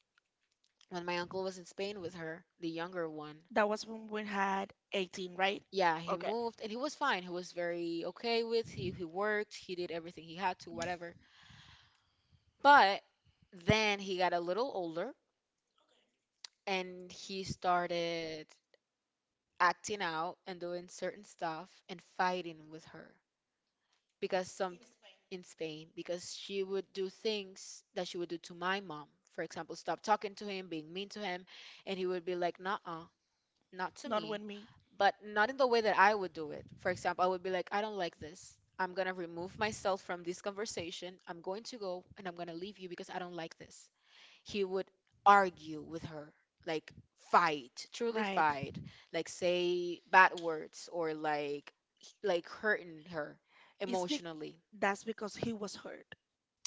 S2: when my uncle was in Spain with her, the younger one,
S1: That was when we had 18, right?
S2: yeah, he
S1: Okay.
S2: moved and he was fine. He was very okay with he worked, he did everything he had to,
S1: Yes, Mhm.
S2: whatever. But then he got a little older and he started acting out and doing certain stuff and fighting with her, because some in Spain, because she would do things that she would do to my mom. For example, stop talking to him, being mean to him, and he would be like, "Nah. Not to
S1: Not
S2: me,"
S1: when me.
S2: but not in the way that I would do it. For example, I would be like, I don't like this. I'm going to remove myself from this conversation. I'm going to go and I'm going to leave you because I don't like this. He would argue with her, like fight, truly
S1: Right.
S2: fight, like say bad words or like like hurting her
S1: It's be-
S2: emotionally.
S1: that's because he was hurt.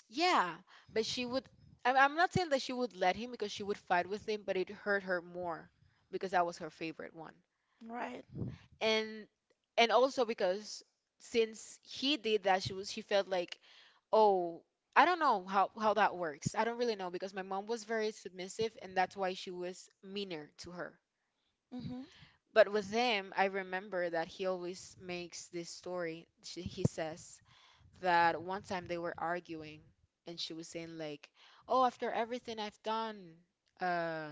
S2: Yeah, but she would, I'm not saying that she would let him, because she would fight with him, but it hurt her more because that was her favorite one.
S1: Right.
S2: and and also because since he did that she was she felt like, oh, I don't know how that works. I don't really know, because my mom was very submissive, and that's why she was meaner to her.
S1: Mm-hmm.
S2: But with him, I remember that he always makes this story. He says that one time they were arguing, and she was saying like, oh, after everything I've done, uh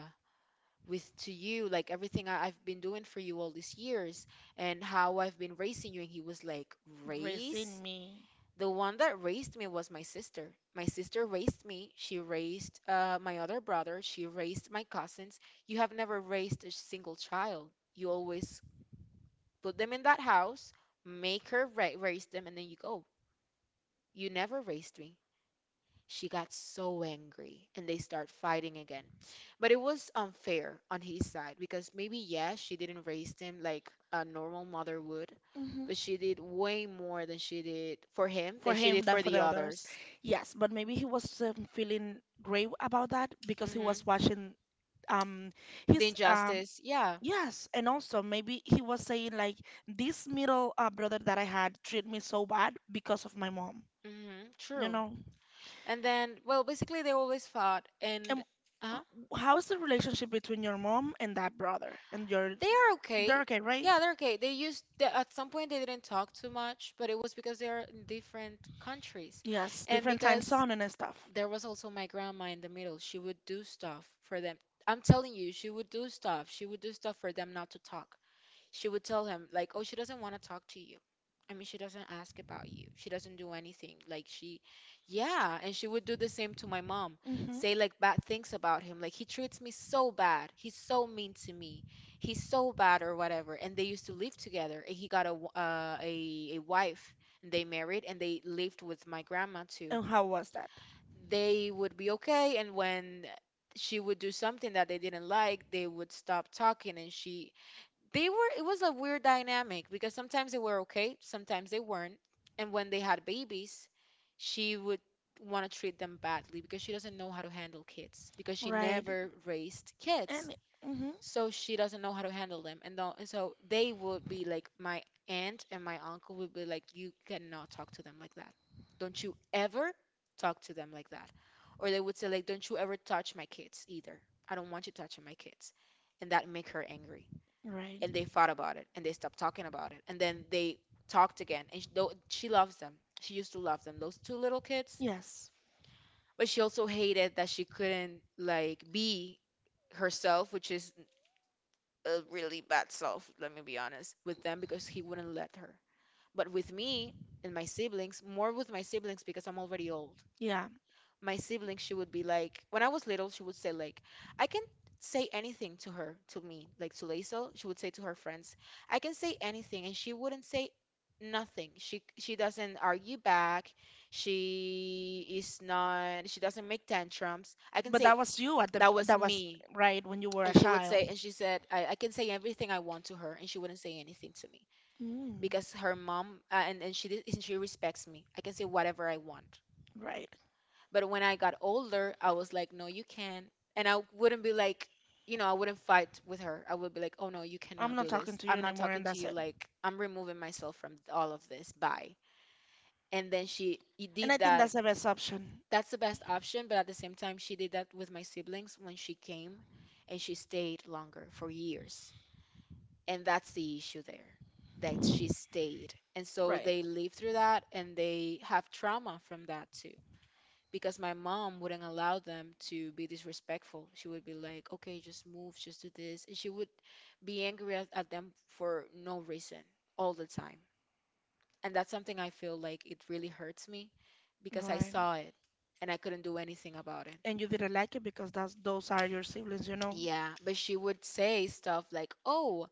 S2: with to you, like everything I've been doing for you all these years, and how I've been raising you. And he was like, Raise?
S1: Raising me.
S2: The one that raised me was my sister. My sister raised me. She raised my other brother. She raised my cousins. You have never raised a single child. You always put them in that house, make her raise them, and then you go. You never raised me. She got so angry and they start fighting again. But it was unfair on his side, because maybe, yes, she didn't raise him like a normal mother would,
S1: Hmm.
S2: but she did way more than she did for him
S1: For
S2: than she did
S1: him than
S2: for
S1: for
S2: the
S1: the others.
S2: others.
S1: Yes, but maybe he was feeling great about that because he
S2: Hmm.
S1: was watching um
S2: The
S1: his
S2: injustice, yeah.
S1: yes, and also maybe he was saying like this middle brother that I had treat me so bad because of my mom,
S2: Hmm.
S1: you
S2: True.
S1: know.
S2: And then, well, basically they always fought, and
S1: And
S2: uh,
S1: how is the relationship between your mom and that brother and your
S2: they are okay.
S1: they're okay, right?
S2: Yeah, they're okay. They used they, at some point they didn't talk too much, but it was because they are in different countries,
S1: Yes,
S2: and
S1: different time
S2: because
S1: zone and stuff.
S2: there was also my grandma in the middle. She would do stuff for them. I'm telling you, she would do stuff. She would do stuff for them not to talk. She would tell him like, oh, she doesn't want to talk to you. She doesn't ask about you, she doesn't do anything, like she— yeah, and she would do the same to my mom.
S1: Hmm.
S2: Say like bad things about him, like he treats me so bad, he's so mean to me, he's so bad or whatever. And they used to live together, and he got a wife, and they married, and they lived with my grandma too.
S1: And how was that?
S2: They would be okay, and when she would do something that they didn't like, they would stop talking. And she they were it was a weird dynamic, because sometimes they were okay, sometimes they weren't. And when they had babies, she would want to treat them badly because she doesn't know how to handle kids, because she
S1: Right.
S2: never raised kids.
S1: And hmm
S2: So she doesn't know how to handle them. And so they would be like, my aunt and my uncle would be like, you cannot talk to them like that. Don't you ever talk to them like that. Or they would say like, don't you ever touch my kids either. I don't want you touching my kids. And that make her angry,
S1: right.
S2: and they fought about it, and they stopped talking about it, and then they talked again. And she, though, she loves them. She used to love them, those two little kids,
S1: Yes.
S2: but she also hated that she couldn't like be herself, which is a really bad self, let me be honest with them, because he wouldn't let her. But with me and my siblings, more with my siblings because I'm already old.
S1: Yeah.
S2: My sibling, she would be like, when I was little, she would say like, I can say anything to her, to me, like to Laisel. She would say to her friends, I can say anything and she wouldn't say nothing. She doesn't argue back. She is not. She doesn't make tantrums. I can
S1: But
S2: say—
S1: that was you at the
S2: that was
S1: that was
S2: me.
S1: right when you were
S2: And
S1: a
S2: she would
S1: child.
S2: say, and she said, I can say everything I want to her, and she wouldn't say anything to me
S1: Mm.
S2: because her mom, and she did- and she respects me. I can say whatever I want.
S1: Right.
S2: But when I got older, I was like, no, you can't. And I wouldn't be like, I wouldn't fight with her. I would be like, oh no, you
S1: I'm
S2: cannot
S1: not
S2: do
S1: talking
S2: this.
S1: to you
S2: I'm not
S1: anymore and
S2: talking to
S1: that's
S2: you.
S1: it.
S2: Like, I'm removing myself from all of this. Bye. And then did
S1: And I think
S2: that.
S1: that's the best option.
S2: That's the best option. But at the same time, she did that with my siblings when she came and she stayed longer for years. And that's the issue there, that she stayed. And so
S1: Right.
S2: they live through that and they have trauma from that too, because my mom wouldn't allow them to be disrespectful. She would be like, okay, just move, just do this. And she would be angry at them for no reason all the time. And that's something I feel like it really hurts me because I
S1: Right.
S2: saw it and I couldn't do anything about it.
S1: And you didn't like it because that's those are your siblings, you know.
S2: Yeah, but she would say stuff like, "Oh,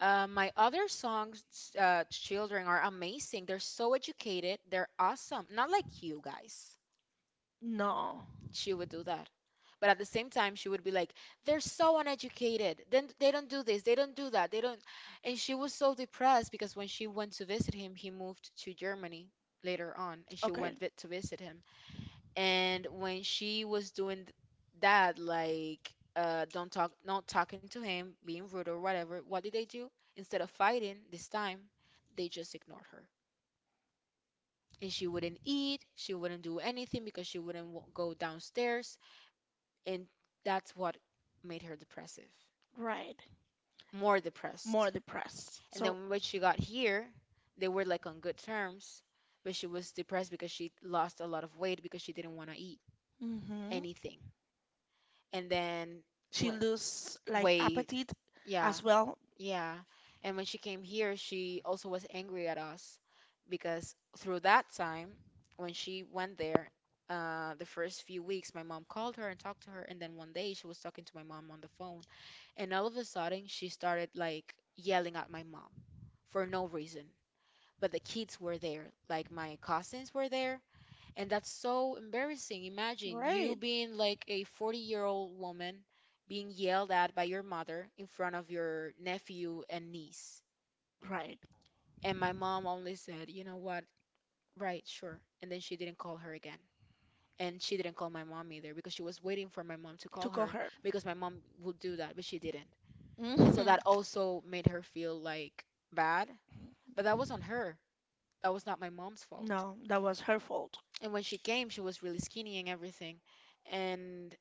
S2: my other songs, children are amazing. They're so educated. They're awesome. Not like you guys."
S1: No.
S2: She would do that. But at the same time, she would be like, they're so uneducated. Then they don't do this, they don't do that, they don't. And she was so depressed because when she went to visit him— he moved to Germany later on— and she
S1: Okay.
S2: went to visit him. And when she was doing that, like, don't talk, not talking to him, being rude or whatever, what did they do? Instead of fighting this time, they just ignored her. And she wouldn't eat, she wouldn't do anything, because she wouldn't go downstairs. And that's what made her depressive.
S1: Right.
S2: More
S1: More
S2: depressed.
S1: depressed.
S2: And
S1: So,
S2: then when she got here, they were like on good terms, but she was depressed because she lost a lot of weight because she didn't want to eat
S1: hmm
S2: anything. And then
S1: she
S2: when—
S1: lose like
S2: weight,
S1: appetite
S2: yeah,
S1: as well.
S2: yeah. And when she came here, she also was angry at us because through that time, when she went there, the first few weeks, my mom called her and talked to her. And then one day, she was talking to my mom on the phone, and all of a sudden, she started like yelling at my mom for no reason. But the kids were there, like my cousins were there. And that's so embarrassing. Imagine you
S1: Right.
S2: being like a 40-year-old woman being yelled at by your mother in front of your nephew and niece.
S1: Right.
S2: And my mom only said, you know what? Right, sure. And then she didn't call her again. And she didn't call my mom either because she was waiting for my mom to
S1: To
S2: call
S1: call
S2: her,
S1: her.
S2: because my mom would do that, but she didn't. And so
S1: Hmm.
S2: that also made her feel like bad. But that was on her. That was not my mom's fault.
S1: No, that was her fault,
S2: And when she came, she was really skinny and everything. And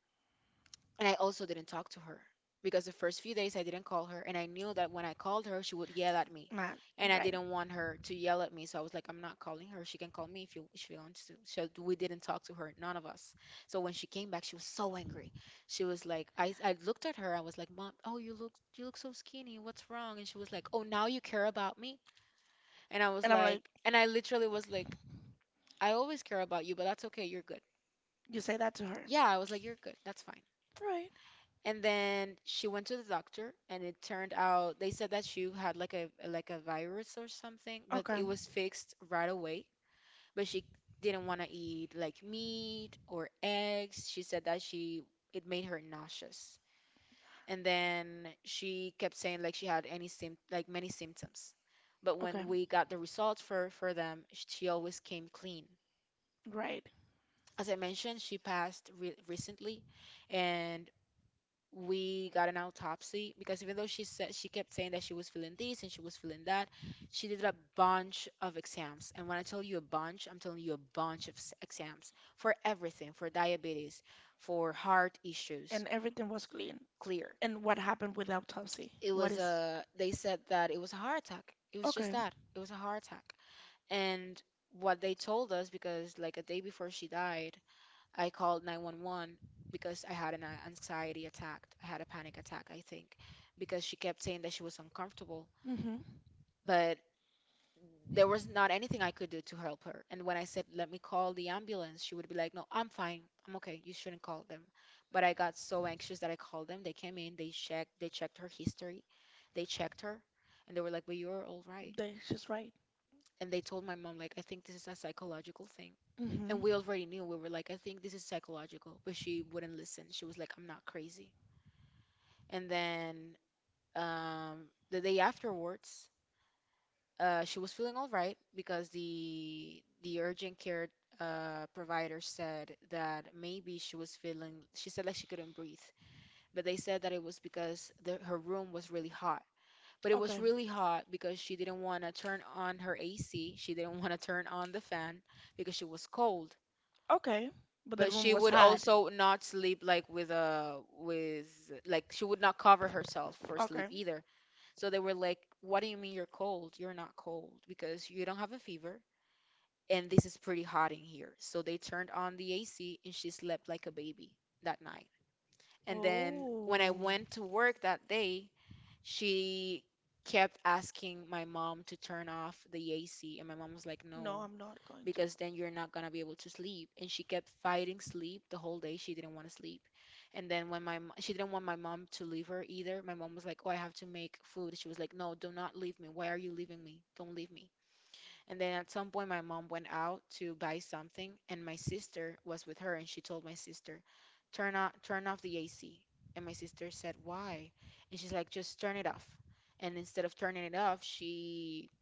S2: and I also didn't talk to her because the first few days I didn't call her, and I knew that when I called her, she would yell at me.
S1: man.
S2: And I
S1: Right.
S2: didn't want her to yell at me, so I was like, I'm not calling her. She can call me if you— if she wants to. So we didn't talk to her, none of us. So when she came back, she was so angry. She was like, I looked at her. I was like, Mom, oh, you look so skinny. What's wrong? And she was like, oh, now you care about me? And I was
S1: And I'm like,
S2: like, and I literally was like, I always care about you, but that's okay. You're good.
S1: you say that to her.
S2: Yeah, I was like, you're good. That's fine.
S1: Right.
S2: And then she went to the doctor, and it turned out they said that she had like a virus or something, but it
S1: Okay.
S2: was fixed right away. But she didn't want to eat like meat or eggs. She said that she— it made her nauseous. And then she kept saying like she had any sym— like many symptoms. But
S1: Okay.
S2: when we got the results for them, she always came clean.
S1: Right.
S2: As I mentioned, she passed re recently, and we got an autopsy because, even though she said— she kept saying that she was feeling this and she was feeling that, she did a bunch of exams. And when I tell you a bunch, I'm telling you a bunch of exams for everything, for diabetes, for heart issues.
S1: And everything was clean.
S2: Clear.
S1: And what happened with the autopsy?
S2: It
S1: What
S2: was
S1: is?
S2: a— they said that it was a heart attack. It was just
S1: Okay.
S2: that. It was a heart attack. And what they told us, because like a day before she died, I called 911 because I had an anxiety attack. I had a panic attack, I think, because she kept saying that she was uncomfortable,
S1: Mm-hmm.
S2: but there was not anything I could do to help her. And when I said, let me call the ambulance, she would be like, no, I'm fine. I'm okay. You shouldn't call them. But I got so anxious that I called them. They came in, they checked her history, they checked her, and they were like, but you're all right.
S1: They, she's right.
S2: And they told my mom, like, I think this is a psychological thing.
S1: Mm-hmm.
S2: And we already knew. We were like, I think this is psychological. But she wouldn't listen. She was like, I'm not crazy. And then um, the day afterwards, she was feeling all right because the urgent care provider said that maybe she was feeling— she said like she couldn't breathe, but they said that it was because the— her room was really hot. But it was
S1: Okay.
S2: really hot because she didn't want to turn on her AC. She didn't want to turn on the fan because she was cold.
S1: Okay. But the
S2: But
S1: room
S2: she
S1: was
S2: would
S1: hot.
S2: also not sleep like with she would not cover herself for
S1: Okay.
S2: sleep either. So they were like, "What do you mean you're cold? You're not cold because you don't have a fever and this is pretty hot in here." So they turned on the AC and she slept like a baby that night. And then
S1: Oh.
S2: when I went to work that day, she kept asking my mom to turn off the AC, and my mom was like,
S1: No,
S2: no,
S1: I'm not going to.
S2: because then you're not gonna be able to sleep. And she kept fighting sleep the whole day. She didn't want to sleep. And then when she didn't want my mom to leave her either. My mom was like, "Oh, I have to make food." She was like, "No, do not leave me. Why are you leaving me? Don't leave me." And then at some point, my mom went out to buy something, and my sister was with her, and she told my sister, turn off the AC." And my sister said, "Why?" And she's like, "Just turn it off." And instead of turning it off,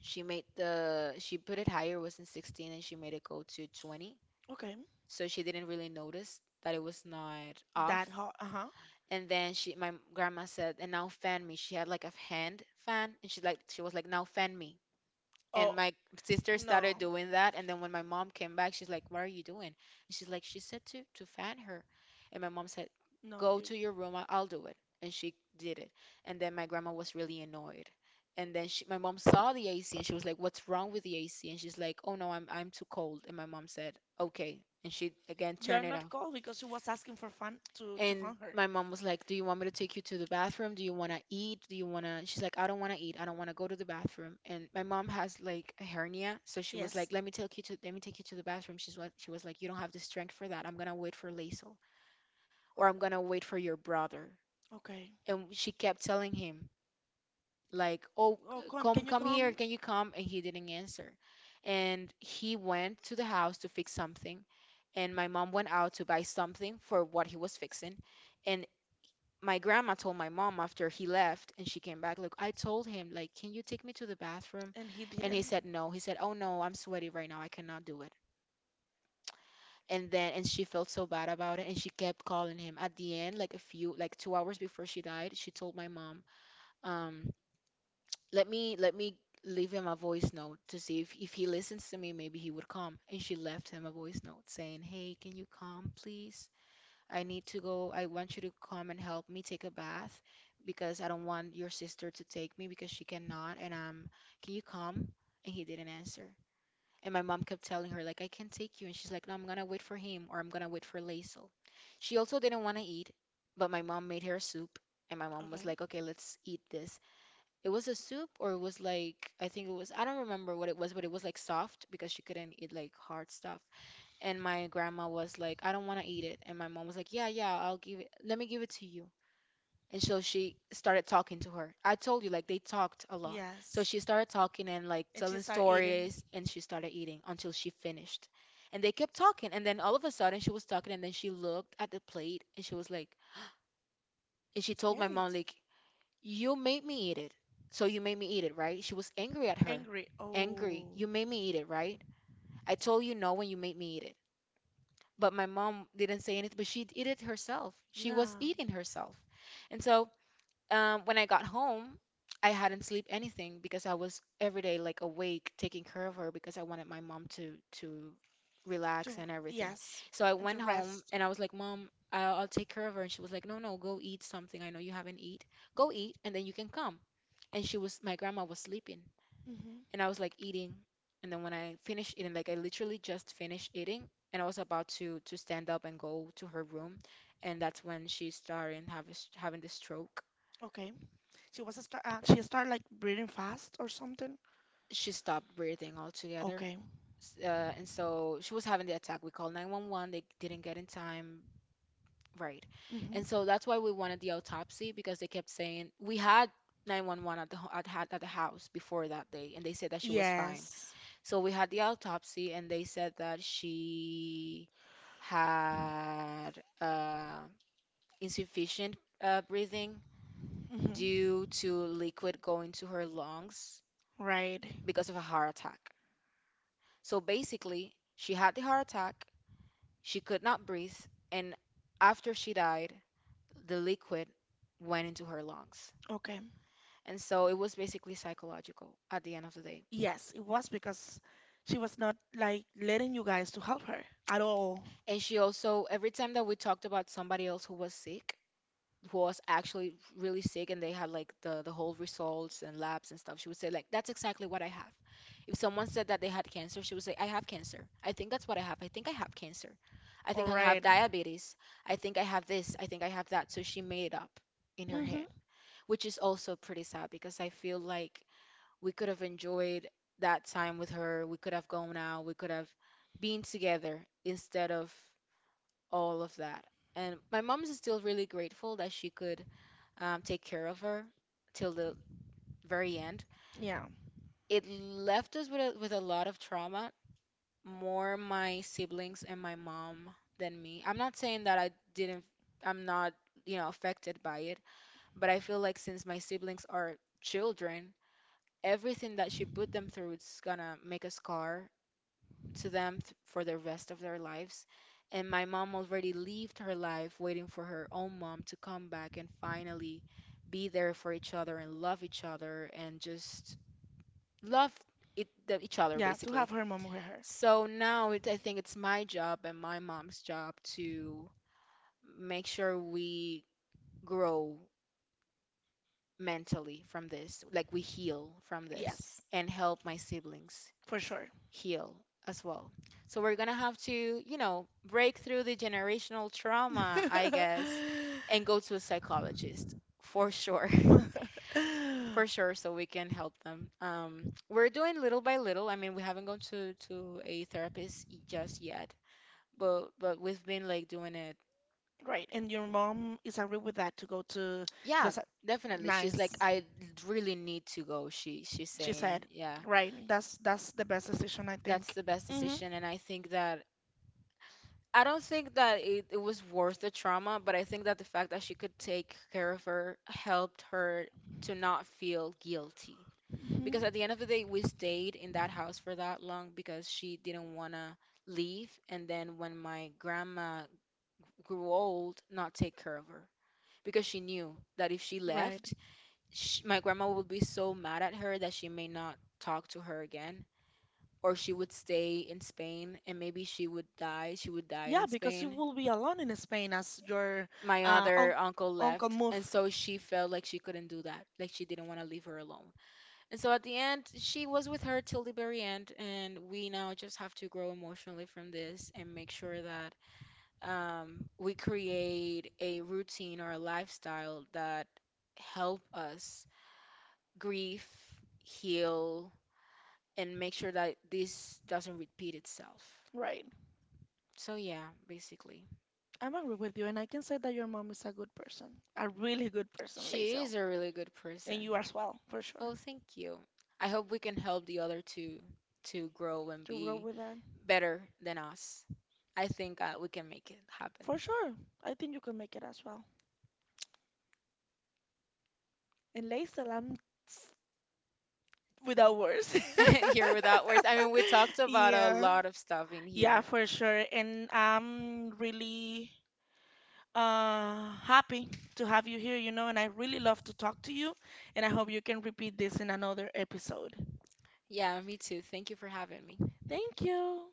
S2: she made the she put it higher. It was in 16, and she made it go to 20.
S1: Okay.
S2: So she didn't really notice that it was not off.
S1: That hot. Uh-huh.
S2: And then she— my grandma said, and now fan me. She had like a hand fan, and she was like, "Now fan me."
S1: Oh,
S2: And my sister started
S1: no.
S2: doing that. And then when my mom came back, she's like, "What are you doing?" And she's like, she said to fan her. And my mom said,
S1: No,
S2: "Go
S1: you
S2: to your room, I'll do it." And she did it. And then my grandma was really annoyed, and then my mom saw the AC and she was like, "What's wrong with the AC?" And she's like, "Oh no, I'm too cold." And my mom said, "Okay." And she again
S1: you are
S2: turned it
S1: not
S2: off.
S1: cold because you was asking for fun to
S2: And
S1: fun her.
S2: my mom was like, "Do you want me to take you to the bathroom? Do you want to eat? Do you want to?" She's like, "I don't want to eat. I don't want to go to the bathroom." And my mom has like a hernia, so she was
S1: Yes.
S2: like, "Let me take you to, let me take you to the bathroom." She was like, "You don't have the strength for that. I'm gonna wait for Lazel, or I'm gonna wait for your brother."
S1: Okay.
S2: And she kept telling him, like, "Oh,
S1: Oh,
S2: c-
S1: come. Can
S2: come
S1: you
S2: come
S1: come?
S2: here, can you come?" And he didn't answer. And he went to the house to fix something, and my mom went out to buy something for what he was fixing. And my grandma told my mom after he left and she came back, "Look, I told him, like, 'Can you take me to the bathroom?'"
S1: And he
S2: And he
S1: didn't.
S2: said no. He said, "Oh no, I'm sweaty right now. I cannot do it." And she felt so bad about it, and she kept calling him. At the end, like a few, like 2 hours before she died, she told my mom, um, "Let me leave him a voice note to see if he listens to me, maybe he would come." And she left him a voice note saying, "Hey, can you come, please? I need to go. I want you to come and help me take a bath because I don't want your sister to take me because she cannot. And can you come?" And he didn't answer. And my mom kept telling her, like, "I can take you," and she's like, "No, I'm gonna wait for him or I'm gonna wait for Laisel." She also didn't want to eat, but my mom made her soup, and my mom
S1: Okay.
S2: was like, "Okay, let's eat this." It was a soup, or it was like, I think it was, I don't remember what it was, but it was like soft because she couldn't eat like hard stuff. And my grandma was like, "I don't want to eat it." And my mom was like, "Yeah, yeah, I'll give it. Let me give it to you." And so she started talking to her. I told you, like, they talked a lot. So
S1: Yes.
S2: she started talking and, like,
S1: She
S2: telling
S1: start eating.
S2: stories, and she started eating until she finished. And they kept talking. And then all of a sudden, she was talking, and then she looked at the plate and she was like, and she told my
S1: Hey,
S2: mom, like, "You made me eat it. So you made me eat it, right?" She was angry at her.
S1: angry.
S2: Angry.
S1: Oh, yeah.
S2: "You made me eat it, right? I told you no when you made me eat it." But my mom didn't say anything, but she ate it herself. She was eating herself. And so when I got home, I hadn't sleep anything because I was every day like awake taking care of her because I wanted my mom to to relax
S1: To
S2: and everything.
S1: yes,
S2: So
S1: so
S2: I
S1: and to
S2: went home
S1: rest.
S2: and I was like, "Mom, I'll take care of her." And she was like, "No, no, go eat something. I know you haven't eat. Go eat, and then you can come." And she was my grandma was sleeping,
S1: Mm-hmm.
S2: and I was like eating, and then when I finished eating, like I literally just finished eating, and I was about to stand up and go to her room, and that's when she started having the stroke.
S1: Okay. She was a star. She started like breathing fast or something.
S2: She stopped breathing
S1: Yeah,
S2: altogether.
S1: okay.
S2: And so she was having the attack. We called 911, they didn't get in time. Right.
S1: Mm-hmm.
S2: And so that's why we wanted the autopsy, because they kept saying we had 911 at the ho- at, ha- at the house before that day and they said that she was
S1: Yeah.
S2: fine.
S1: Yes.
S2: So we had the autopsy and they said that she had uh, insufficient breathing
S1: Mm-hmm.
S2: due to liquid going to her lungs
S1: Right.
S2: because of a heart attack. So basically, she had the heart attack, she could not breathe, and after she died, the liquid went into her lungs.
S1: Okay.
S2: And so it was basically psychological at the end of the day.
S1: Yes, it was because she was not like letting you guys to help her at all.
S2: And she also, every time that we talked about somebody else who was sick, who was actually really sick and they had like the whole results and labs and stuff, she would say, like, "That's exactly what I have." If someone said that they had cancer, she would say, "I have cancer. I think that's what I have. I think I have cancer. I
S1: All
S2: think I have
S1: right.
S2: diabetes. I think I have this. I think I have that." So she made it up in her
S1: Mm-hmm.
S2: head, which is also pretty sad because I feel like we could have enjoyed that time with her. We could have gone out. We could have been together instead of all of that. And my mom is still really grateful that she could take care of her till the very end.
S1: Yeah.
S2: It left us with a lot of trauma, more my siblings and my mom than me. I'm not saying that I didn't, I'm not, you know, affected by it, but I feel like since my siblings are children, everything that she put them through is gonna make a scar to for the rest of their lives. And my mom already lived her life waiting for her own mom to come back and finally be there for each other and love each other and just love each other
S1: Yeah, to
S2: basically.
S1: have her mom with her.
S2: So now it, I think it's my job and my mom's job to make sure we grow mentally from this, like we heal from this
S1: Yes,
S2: and help my siblings
S1: for sure.
S2: heal as well. So we're going to have to, you know, break through the generational trauma, I guess, and go to a psychologist for sure. For sure, so we can help them. We're doing little by little. I mean, we haven't gone to a therapist just yet, but we've been like doing it.
S1: Right, and your mom is agree with that to go to the
S2: Yeah,
S1: sa-
S2: definitely. She's like,
S1: nice.
S2: "I really need to go." She she's
S1: She
S2: saying,
S1: said,
S2: yeah,
S1: right, that's the best decision I
S2: that's
S1: think.
S2: the best
S1: Mm-hmm.
S2: decision. And I think that I don't think that it was worth the trauma, but I think that the fact that she could take care of her helped her to not feel guilty.
S1: Hmm.
S2: Because at the end of the day, we stayed in that house for that long because she didn't want to leave. And then when my grandma grew old, not take care of her. Because she knew that if she
S1: Right.
S2: left, sh my grandma would be so mad at her that she may not talk to her again, or she would stay in Spain and maybe she would die. She would die
S1: Yeah,
S2: in
S1: because you
S2: Spain.
S1: will be alone in Spain as your
S2: My other
S1: un
S2: uncle
S1: uncle
S2: left,
S1: move.
S2: and so she felt like she couldn't do that. Like she didn't want to leave her alone. And so at the end, she was with her till the very end, and we now just have to grow emotionally from this and make sure that we create a routine or a lifestyle that help us grieve, heal, and make sure that this doesn't repeat itself.
S1: Right.
S2: So yeah, basically.
S1: I'm agree with you, and I can say that your mom is a good person, a really good person,
S2: She
S1: Lazel,
S2: is a really good
S1: and
S2: person.
S1: you as well, for sure.
S2: Oh, thank you. I hope we can help the other two to grow and
S1: To grow
S2: be
S1: with that,
S2: better than us. I think we can make it happen.
S1: for sure. I think you can make it as well. And Lazel, I'm without words.
S2: Here without words. I mean, we talked about a
S1: Yeah.
S2: lot of stuff in
S1: Yeah,
S2: here.
S1: for sure. And I'm really happy to have you here, you know, and I really love to talk to you, and I hope you can repeat this in another episode.
S2: Yeah, me too. Thank you for having me.
S1: Thank you.